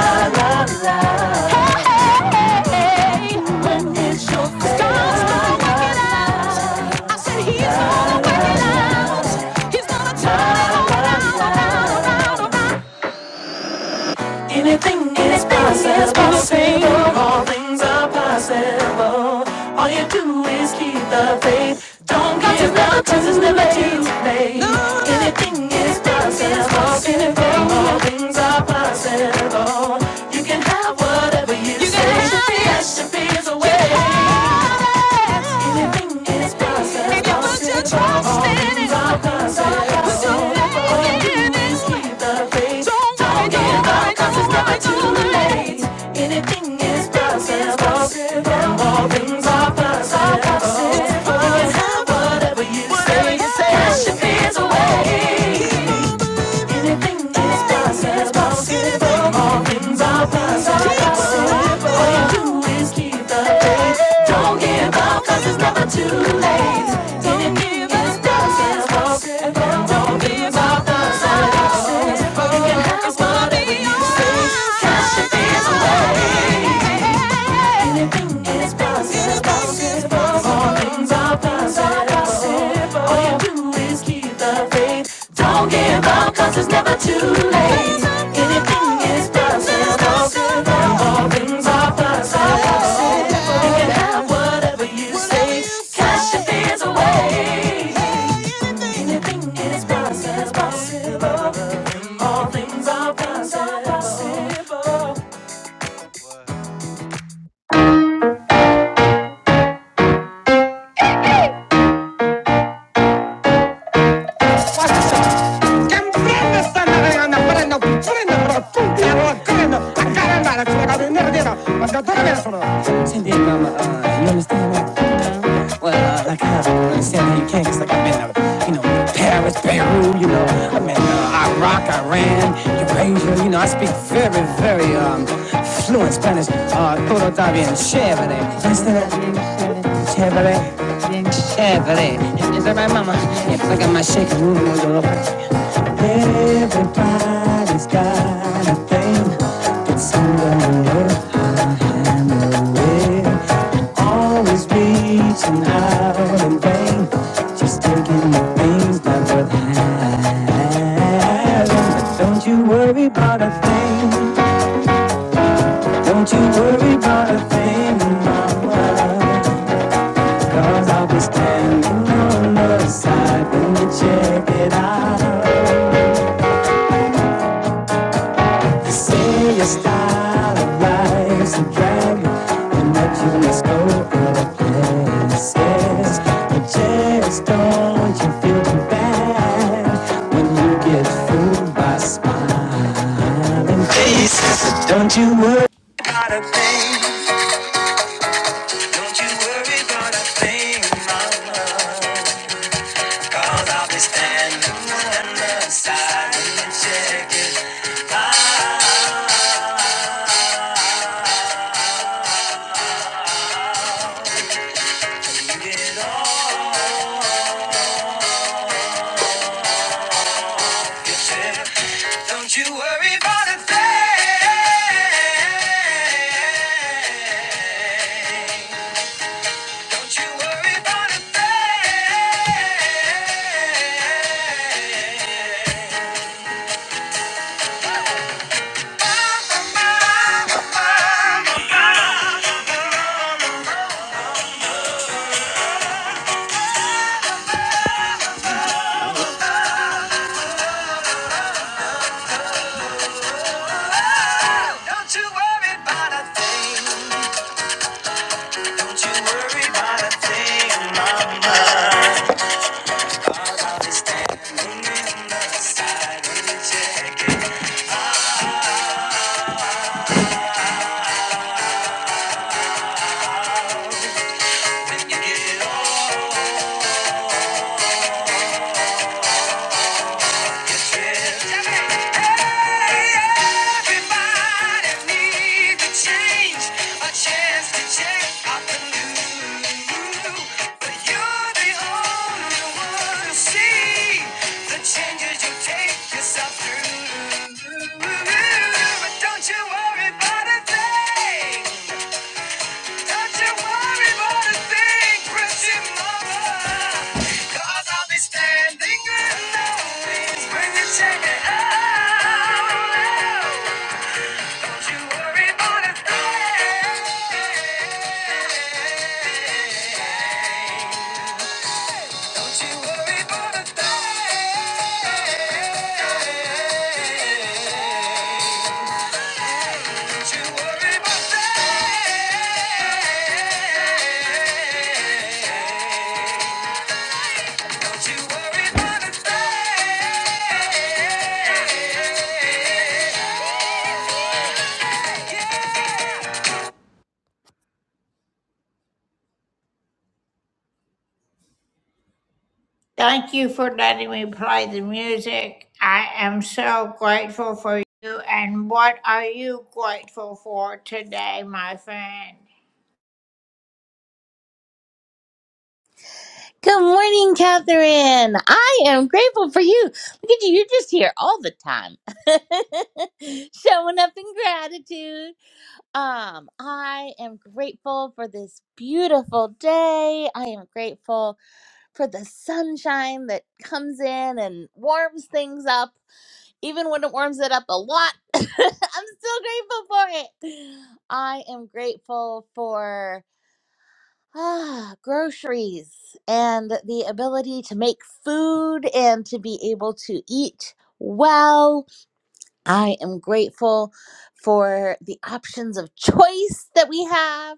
S1: He's gonna turn it around, around, around, around. Anything is possible. All things are possible. All you do is keep the faith. Don't give up 'cause it's never too late. Anything is possible. All things are possible. You can have whatever you, say. Can have it. Yes, she feels away. Anything is possible. All things are possible. Put your faith in it. Don't worry, don't worry, it's never too late. Anything is possible. All things are possible. whatever you say. Cast your away. Anything is possible. All things are possible. All you do is keep the faith. Don't give up, it's never too late. Anything is possible. Don't give up, you can have whatever you say. Cash it is away. Anything is possible. All things are possible. um, uh, you understand that? Well, uh, like I uh, understand how you can, cause like I've been, uh, you know, Paris, Beirut, you know, I've been uh, Iraq, Iran, Eurasia, you know, I speak very, very um, fluent Spanish. Uh, todo bien, shit. Chévere. Restaurant chévere. chévere. Is that my mama? Yep, I got my shake and move on the Everybody's got a thing. It's under I handle it. Always reaching out in vain, just taking the things that worth having. Don't you worry about a thing. Don't you worry about a thing. Cause I'll be standing on the side when you check it out. Say your style's a dragon, and that you must go says you just don't look back when you get fooled by space. It's a dark thing. Don't you worry about a thing, my love. Cause I'll be standing on the side when you check it out. You get all you said. Don't you worry about a thing. Don't you worry about a thing. Don't you worry a thing. Don't you worry a thing, mama. I'll be standing in the side when you check it When you get old. But yourself through. But Don't you worry about a thing. Don't you worry about a thing, Christian mama. Cause I'll be standing in the wings when you check it out. Don't you worry about a thing. Don't you worry about a thing
S21: Good morning, Catherine. I am grateful for you. Look at you, you're just here all the time. [LAUGHS] Showing up in gratitude. Um, I am grateful for this beautiful day. I am grateful for the sunshine that comes in and warms things up, even when it warms it up a lot. [LAUGHS] I'm still grateful for it. I am grateful for Ah, groceries and the ability to make food and to be able to eat well. I am grateful for the options of choice that we have.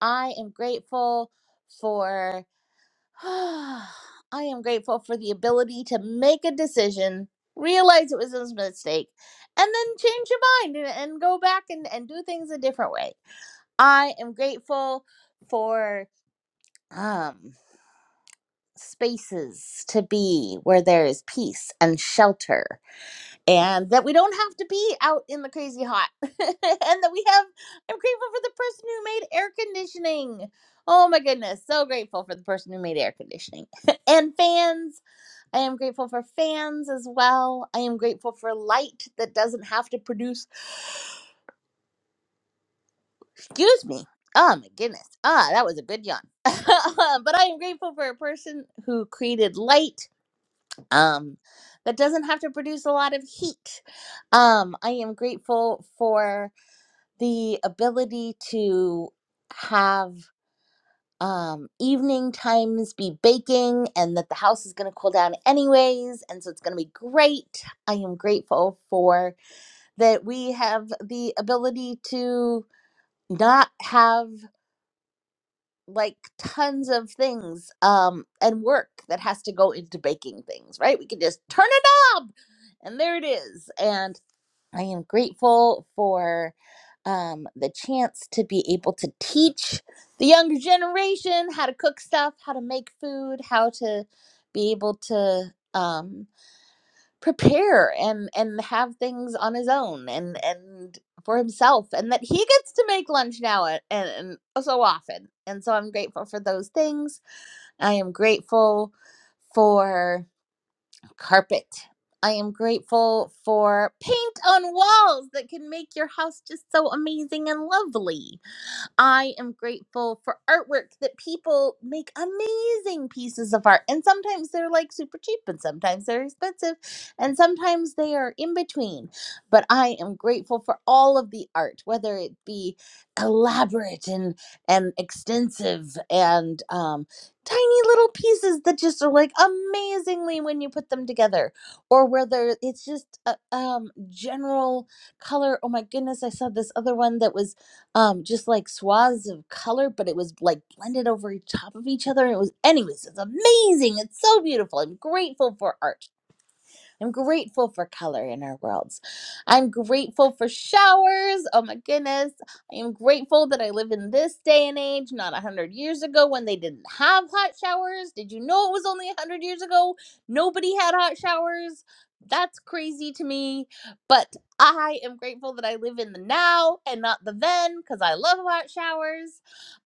S21: I am grateful for [SIGHS] I am grateful for the ability to make a decision, realize it was a mistake, and then change your mind and, and go back and, and do things a different way. I am grateful for Um. spaces to be where there is peace and shelter and that we don't have to be out in the crazy hot [LAUGHS] and that we have i'm grateful for the person who made air conditioning oh my goodness so grateful for the person who made air conditioning [LAUGHS] and fans i am grateful for fans as well i am grateful for light that doesn't have to produce excuse me oh my goodness ah that was a good yawn [LAUGHS] but i am grateful for a person who created light um, that doesn't have to produce a lot of heat. Um, I am grateful for the ability to have um, evening times be baking and that the house is going to cool down anyways. And so it's going to be great. I am grateful for that we have the ability to not have like tons of things um and work that has to go into baking things right we can just turn a knob and there it is and i am grateful for um the chance to be able to teach the younger generation how to cook stuff how to make food how to be able to um prepare and and have things on his own and and for himself and that he gets to make lunch now and, and, so often and so i'm grateful for those things i am grateful for carpet i am grateful for paint on walls that can make your house just so amazing and lovely I am grateful for artwork that people make amazing pieces of art. And sometimes they're like super cheap, and sometimes they're expensive, and sometimes they are in between. But I am grateful for all of the art, whether it be elaborate and, and extensive and um, tiny little pieces that just are like amazingly when you put them together, or whether it's just a um, general color. Oh my goodness, I saw this other one that was um just like swaths of color but it was like blended over top of each other it was anyways it's amazing it's so beautiful i'm grateful for art I'm grateful for color in our worlds. I'm grateful for showers. Oh my goodness. I am grateful that I live in this day and age, not 100 years ago when they didn't have hot showers. Did you know it was only 100 years ago? Nobody had hot showers. That's crazy to me. But I am grateful that I live in the now and not the then because I love hot showers.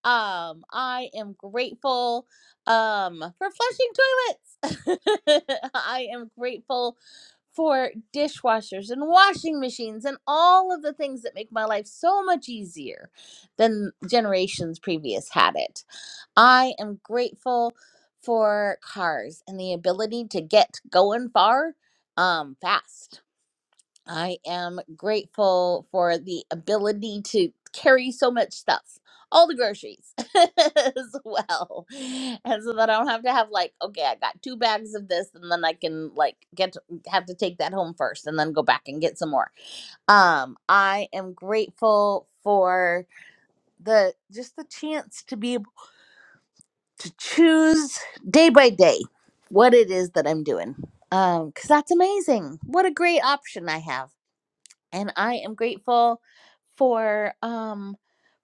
S21: Um, I am grateful um for flushing toilets. [LAUGHS] I am grateful for dishwashers and washing machines and all of the things that make my life so much easier than generations previous had it. I am grateful for cars and the ability to get going far um fast. I am grateful for the ability to carry so much stuff, all the groceries [LAUGHS] as well. And so that I don't have to have like, okay, I got two bags of this and then I can like get to, have to take that home first and then go back and get some more. Um I am grateful for the just the chance to be able to choose day by day what it is that I'm doing. Um cuz that's amazing. What a great option I have and I am grateful for um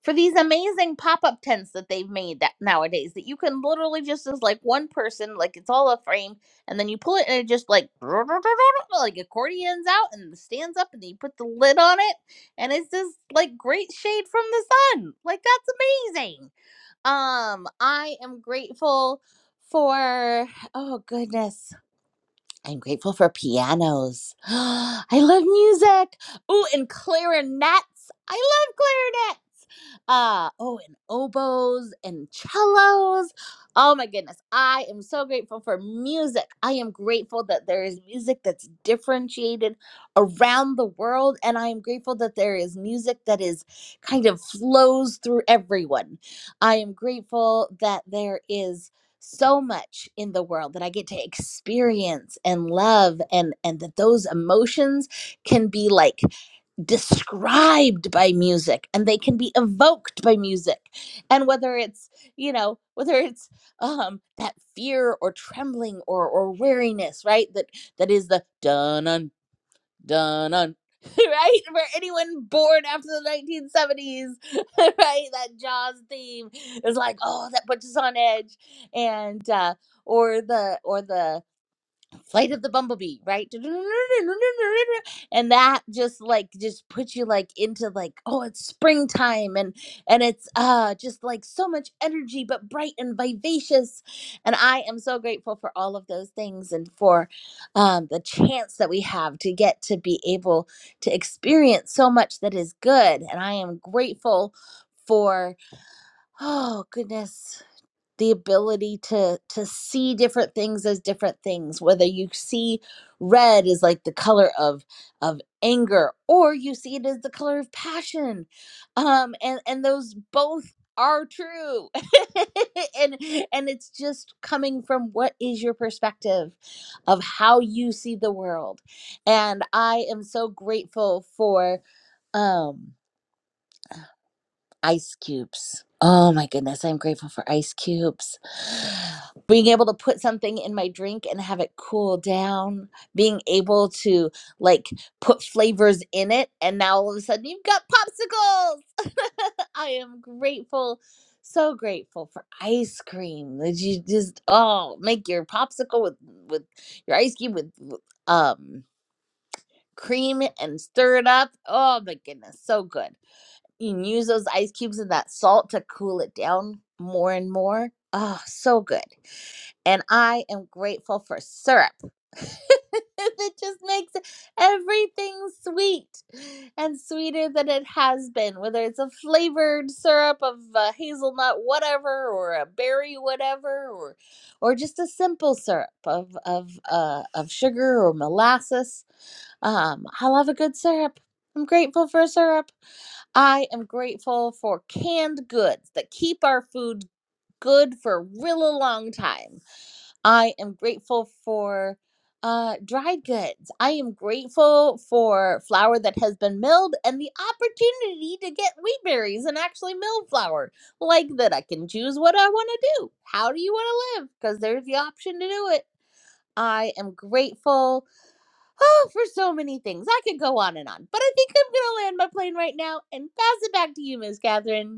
S21: for these amazing pop-up tents that they've made that nowadays that you can literally just as like one person like it's all a frame and then you pull it and it just like [LAUGHS] like accordions out and stands up and then you put the lid on it and it's just like great shade from the sun like that's amazing um i am grateful for oh goodness I'm grateful for pianos. [GASPS] I love music. Oh, and clarinets. I love clarinets. Uh, oh, and oboes and cellos. Oh my goodness. I am so grateful for music. I am grateful that there is music that's differentiated around the world. And I am grateful that there is music that is kind of flows through everyone. I am grateful that there is so much in the world that I get to experience and love and and that those emotions can be like described by music and they can be evoked by music and whether it's you know whether it's um that fear or trembling or or weariness right that that is the dun dun dun dun [LAUGHS] right for anyone born after the 1970s [LAUGHS] right that jaws theme is like oh that puts us on edge and uh or the or the flight of the bumblebee right and that just like just puts you like into like oh it's springtime and and it's uh just like so much energy but bright and vivacious and i am so grateful for all of those things and for um, the chance that we have to get to be able to experience so much that is good and i am grateful for oh goodness the ability to to see different things as different things whether you see red as like the color of of anger or you see it as the color of passion um and and those both are true [LAUGHS] and and it's just coming from what is your perspective of how you see the world and i am so grateful for um ice cubes. Oh my goodness, I'm grateful for ice cubes. [SIGHS] Being able to put something in my drink and have it cool down, being able to like put flavors in it, and now all of a sudden you've got popsicles. [LAUGHS] I am grateful, so grateful for ice cream. That you just oh make your popsicle with with your ice cube with with, um cream and stir it up. Oh my goodness, so good. You can use those ice cubes and that salt to cool it down more and more. Oh, so good. And I am grateful for syrup. [LAUGHS] that just makes everything sweet and sweeter than it has been, whether it's a flavored syrup of uh, hazelnut, whatever, or a berry, whatever, or or just a simple syrup of of uh, of sugar or molasses. Um, I love a good syrup. I'm grateful for syrup. I am grateful for canned goods that keep our food good for a real long time. I am grateful for uh, dried goods. I am grateful for flour that has been milled and the opportunity to get wheat berries and actually mill flour. Like that, I can choose what I want to do. How do you want to live? Because there's the option to do it. I am grateful Oh, for so many things. I could go on and on. But I think I'm going to land my plane right now and pass it back to you, Miss Catherine.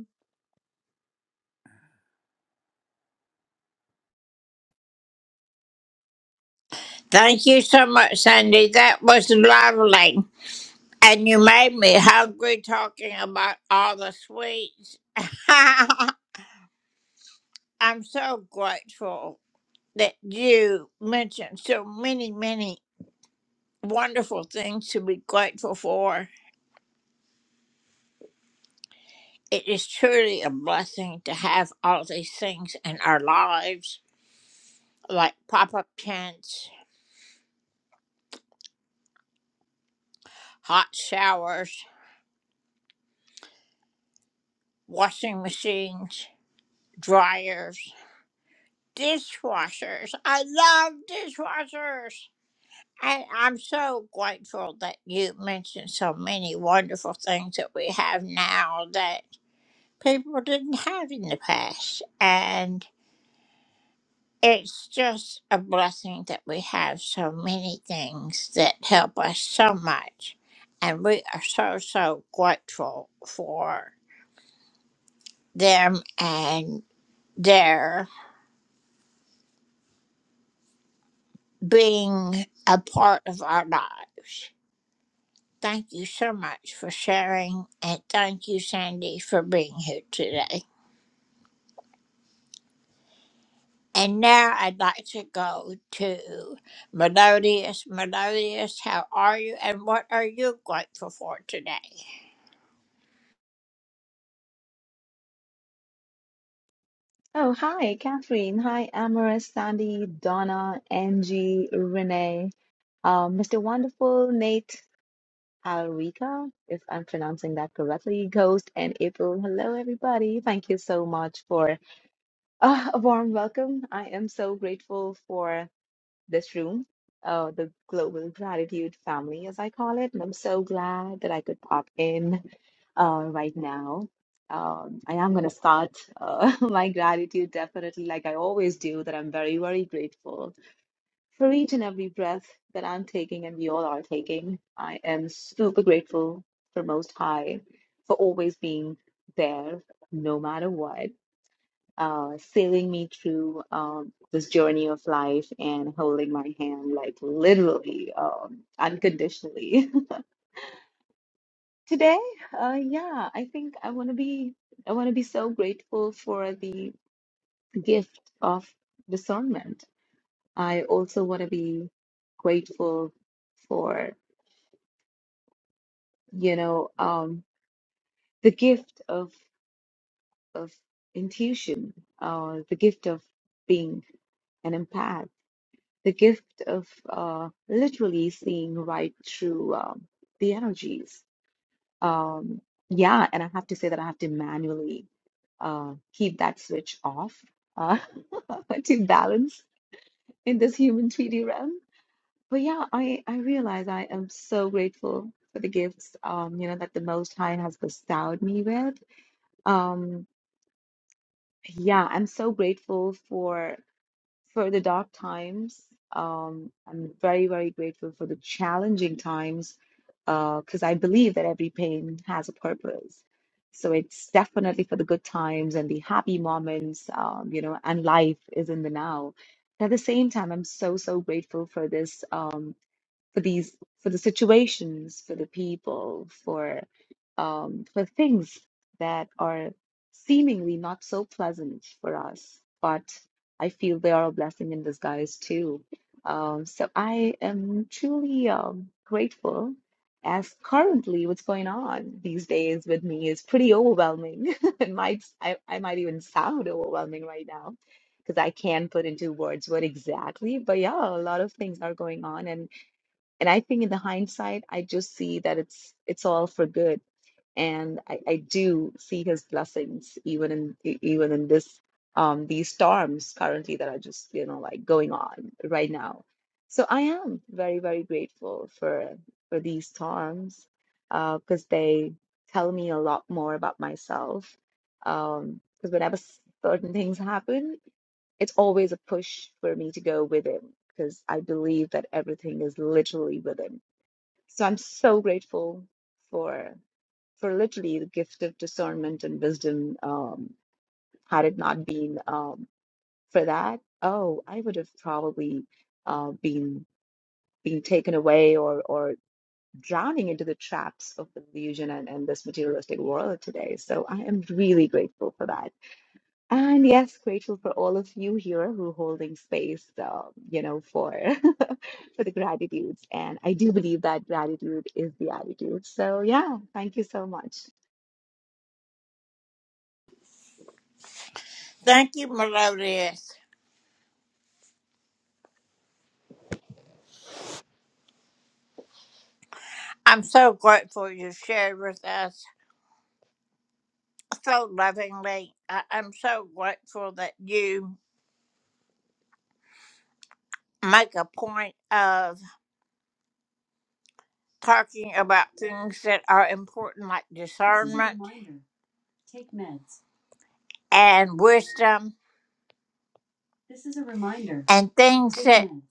S22: Oh, hi, Catherine. Hi, Amaris, Sandy, Donna, Angie, Renee, um, Mr. Wonderful, Nate, Alrika, if I'm pronouncing that correctly, Ghost, and April. Hello, everybody. Thank you so much for uh, a warm welcome. I am so grateful for this room, uh, the Global Gratitude Family, as I call it. And I'm so glad that I could pop in uh, right now. Um, I am going to start uh, [LAUGHS] my gratitude definitely, like I always do, that I'm very, very grateful for each and every breath that I'm taking and we all are taking. I am super grateful for Most High for always being there no matter what uh, sailing me through um, this journey of life and holding my hand, like literally, um, unconditionally. [LAUGHS] Today, uh, yeah, I think I want to be, I want to be so grateful for the gift of discernment. I also want to be grateful for, you know, um, the gift of of intuition, uh, the gift of being an empath the gift of uh, literally seeing right through um, the energies. Um, yeah, and I have to say that I have to manually uh, keep that switch off uh, [LAUGHS] to balance in this human 3D realm. But yeah, I, I realize I am so grateful for the gifts, um, you know, that the Most High has bestowed me with. Um, yeah, I'm so grateful for. for the dark times. Um, I'm very, very grateful for the challenging times because I believe that every pain has a purpose. So it's definitely for the good times and the happy moments, um, you know, and life is in the now. At the same time, I'm so, so grateful for this. Um, for these for the situations for the people for um for things that are seemingly not so pleasant for us but i feel they are a blessing in disguise too um so i am truly um grateful as currently what's going on these days with me is pretty overwhelming [LAUGHS] it might I, I might even sound overwhelming right now because i can't put into words what exactly but yeah a lot of things are going on and and I think in the hindsight, I just see that it's it's all for good, and I, I do see His blessings even in e- even in this um these storms currently that are just you know like going on right now. So I am very very grateful for for these storms uh, because they tell me a lot more about myself. Um, because whenever certain things happen, it's always a push for me to go within because I believe that everything is literally within so I'm so grateful for for literally the gift of discernment and wisdom. Um, had it not been um, for that, oh, I would have probably uh, been being taken away or or drowning into the traps of the illusion and, and this materialistic world today. So I am really grateful for that. And yes, grateful for all of you here who are holding space, uh, you know, for [LAUGHS] for the gratitudes. And I do believe that gratitude is the attitude. So yeah, thank you so much.
S1: worry about thing. Yeah. This is a reminder. meds.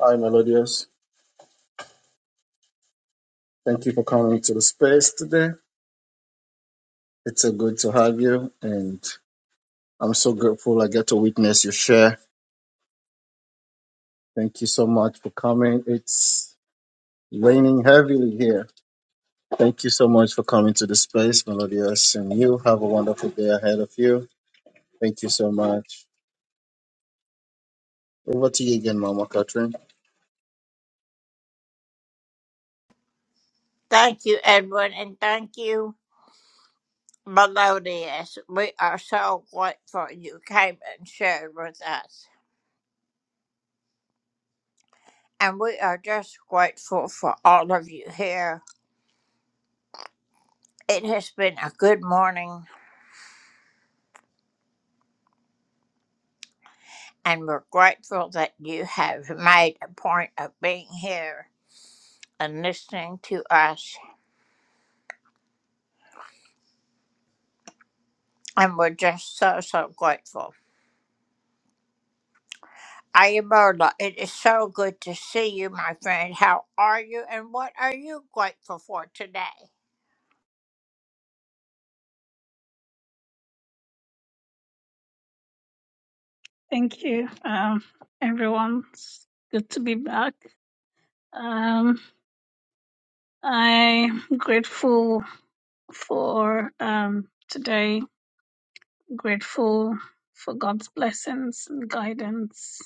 S17: Hi, Melodious. Thank you for coming to the space today. It's so good to have you, and I'm so grateful I get to witness your share. Thank you so much for coming. It's raining heavily here. Thank you so much for coming to the space, Melodious, and you have a wonderful day ahead of you. Thank you so much. Over to you again, Mama Catherine.
S23: Thank you, um, everyone. It's good to be back. Um, I'm grateful for um, today, grateful for God's blessings and guidance.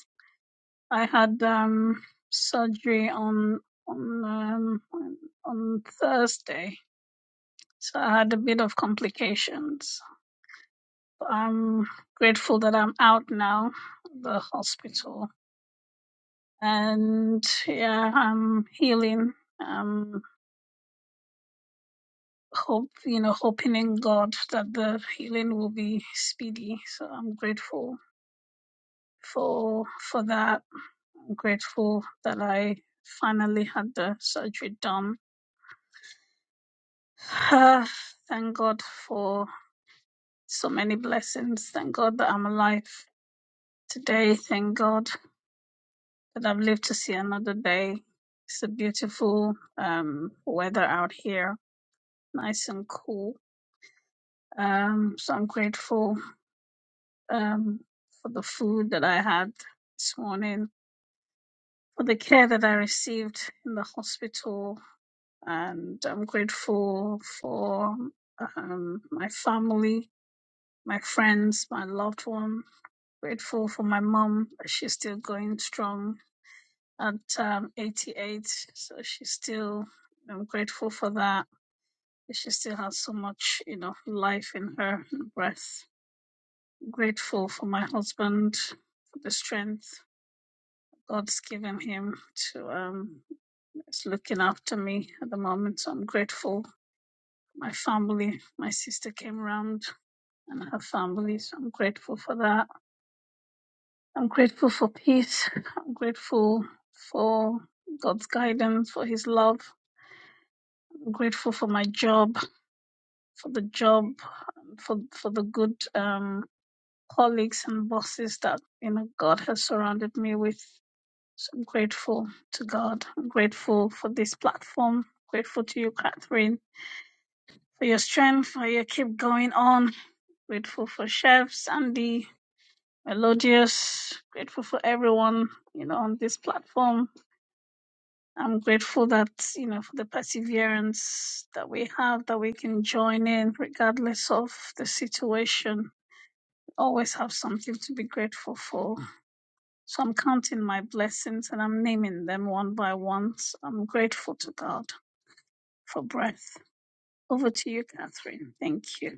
S23: I had um, surgery on on um, on on Thursday, so I had a bit of complications. I'm grateful that I'm out now, of the hospital and yeah, I'm healing. Um, hope you know, hoping in God that the healing will be speedy. So I'm grateful for for that. I'm grateful that I finally had the surgery done. [SIGHS] Ah, Thank God for so many blessings. Thank God that I'm alive today. Thank God that I've lived to see another day. It's a beautiful um, weather out here, nice and cool Um, so I'm grateful um, for the food that I had this morning, for the care that I received in the hospital, and I'm grateful for um, my family, my friends, my loved one. Grateful for my mom; she's still going strong at um, 88, so she's still. I'm grateful for that. She still has so much, you know, life in her and breath grateful for my husband, for the strength God's given him to um is looking after me at the moment. So I'm grateful. My family, my sister came round and her family, so I'm grateful for that. I'm grateful for peace. I'm grateful for God's guidance, for his love. I'm grateful for my job, for the job, for for the good um colleagues and bosses that you know God has surrounded me with. So I'm grateful to God. I'm grateful for this platform. Grateful to you, Catherine, for your strength, for your keep going on. Grateful for Chef, Sandy, Melodious. Grateful for everyone, you know, on this platform. I'm grateful that, you know, for the perseverance that we have, that we can join in regardless of the situation. We Always have something to be grateful for. So I'm counting my blessings and I'm naming them one by one. So I'm grateful to God. for breath. Over to you, Catherine. Thank you.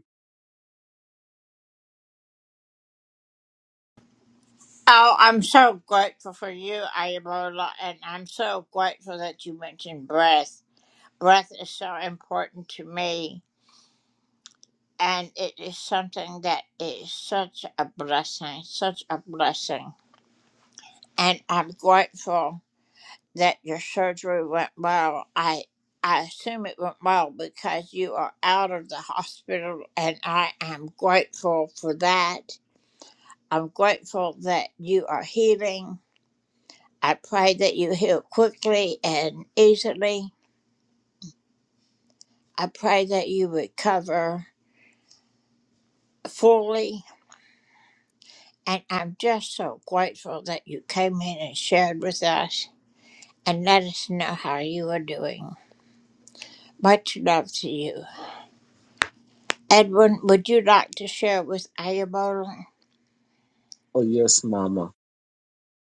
S17: Oh, yes, Mama.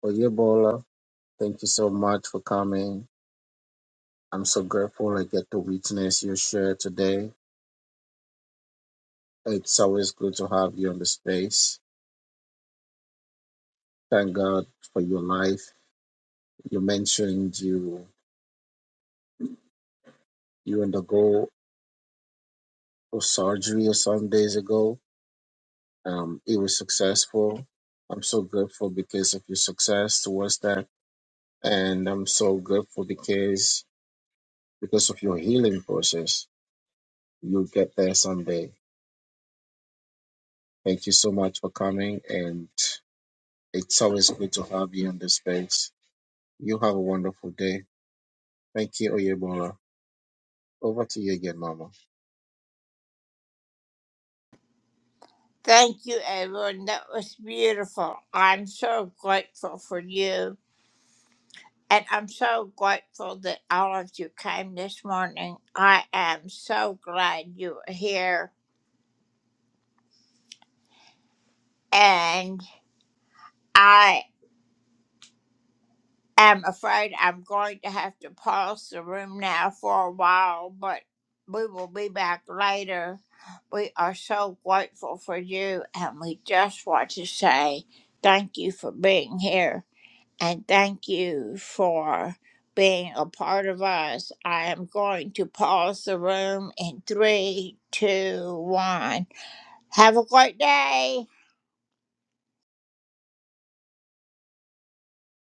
S17: Oh, yeah, Bola. Thank you so much for coming. I'm so grateful I get to witness your share today It's always good to have you on the space. Thank God for your life. You mentioned you you undergo a surgery some days ago. Um, it was successful. I'm so grateful because of your success towards that, and I'm so grateful because because of your healing process. You'll get there someday. Thank you so much for coming, and it's always good to have you on the space. You have a wonderful day. Thank you, Oyebola. Over to you again, Mama.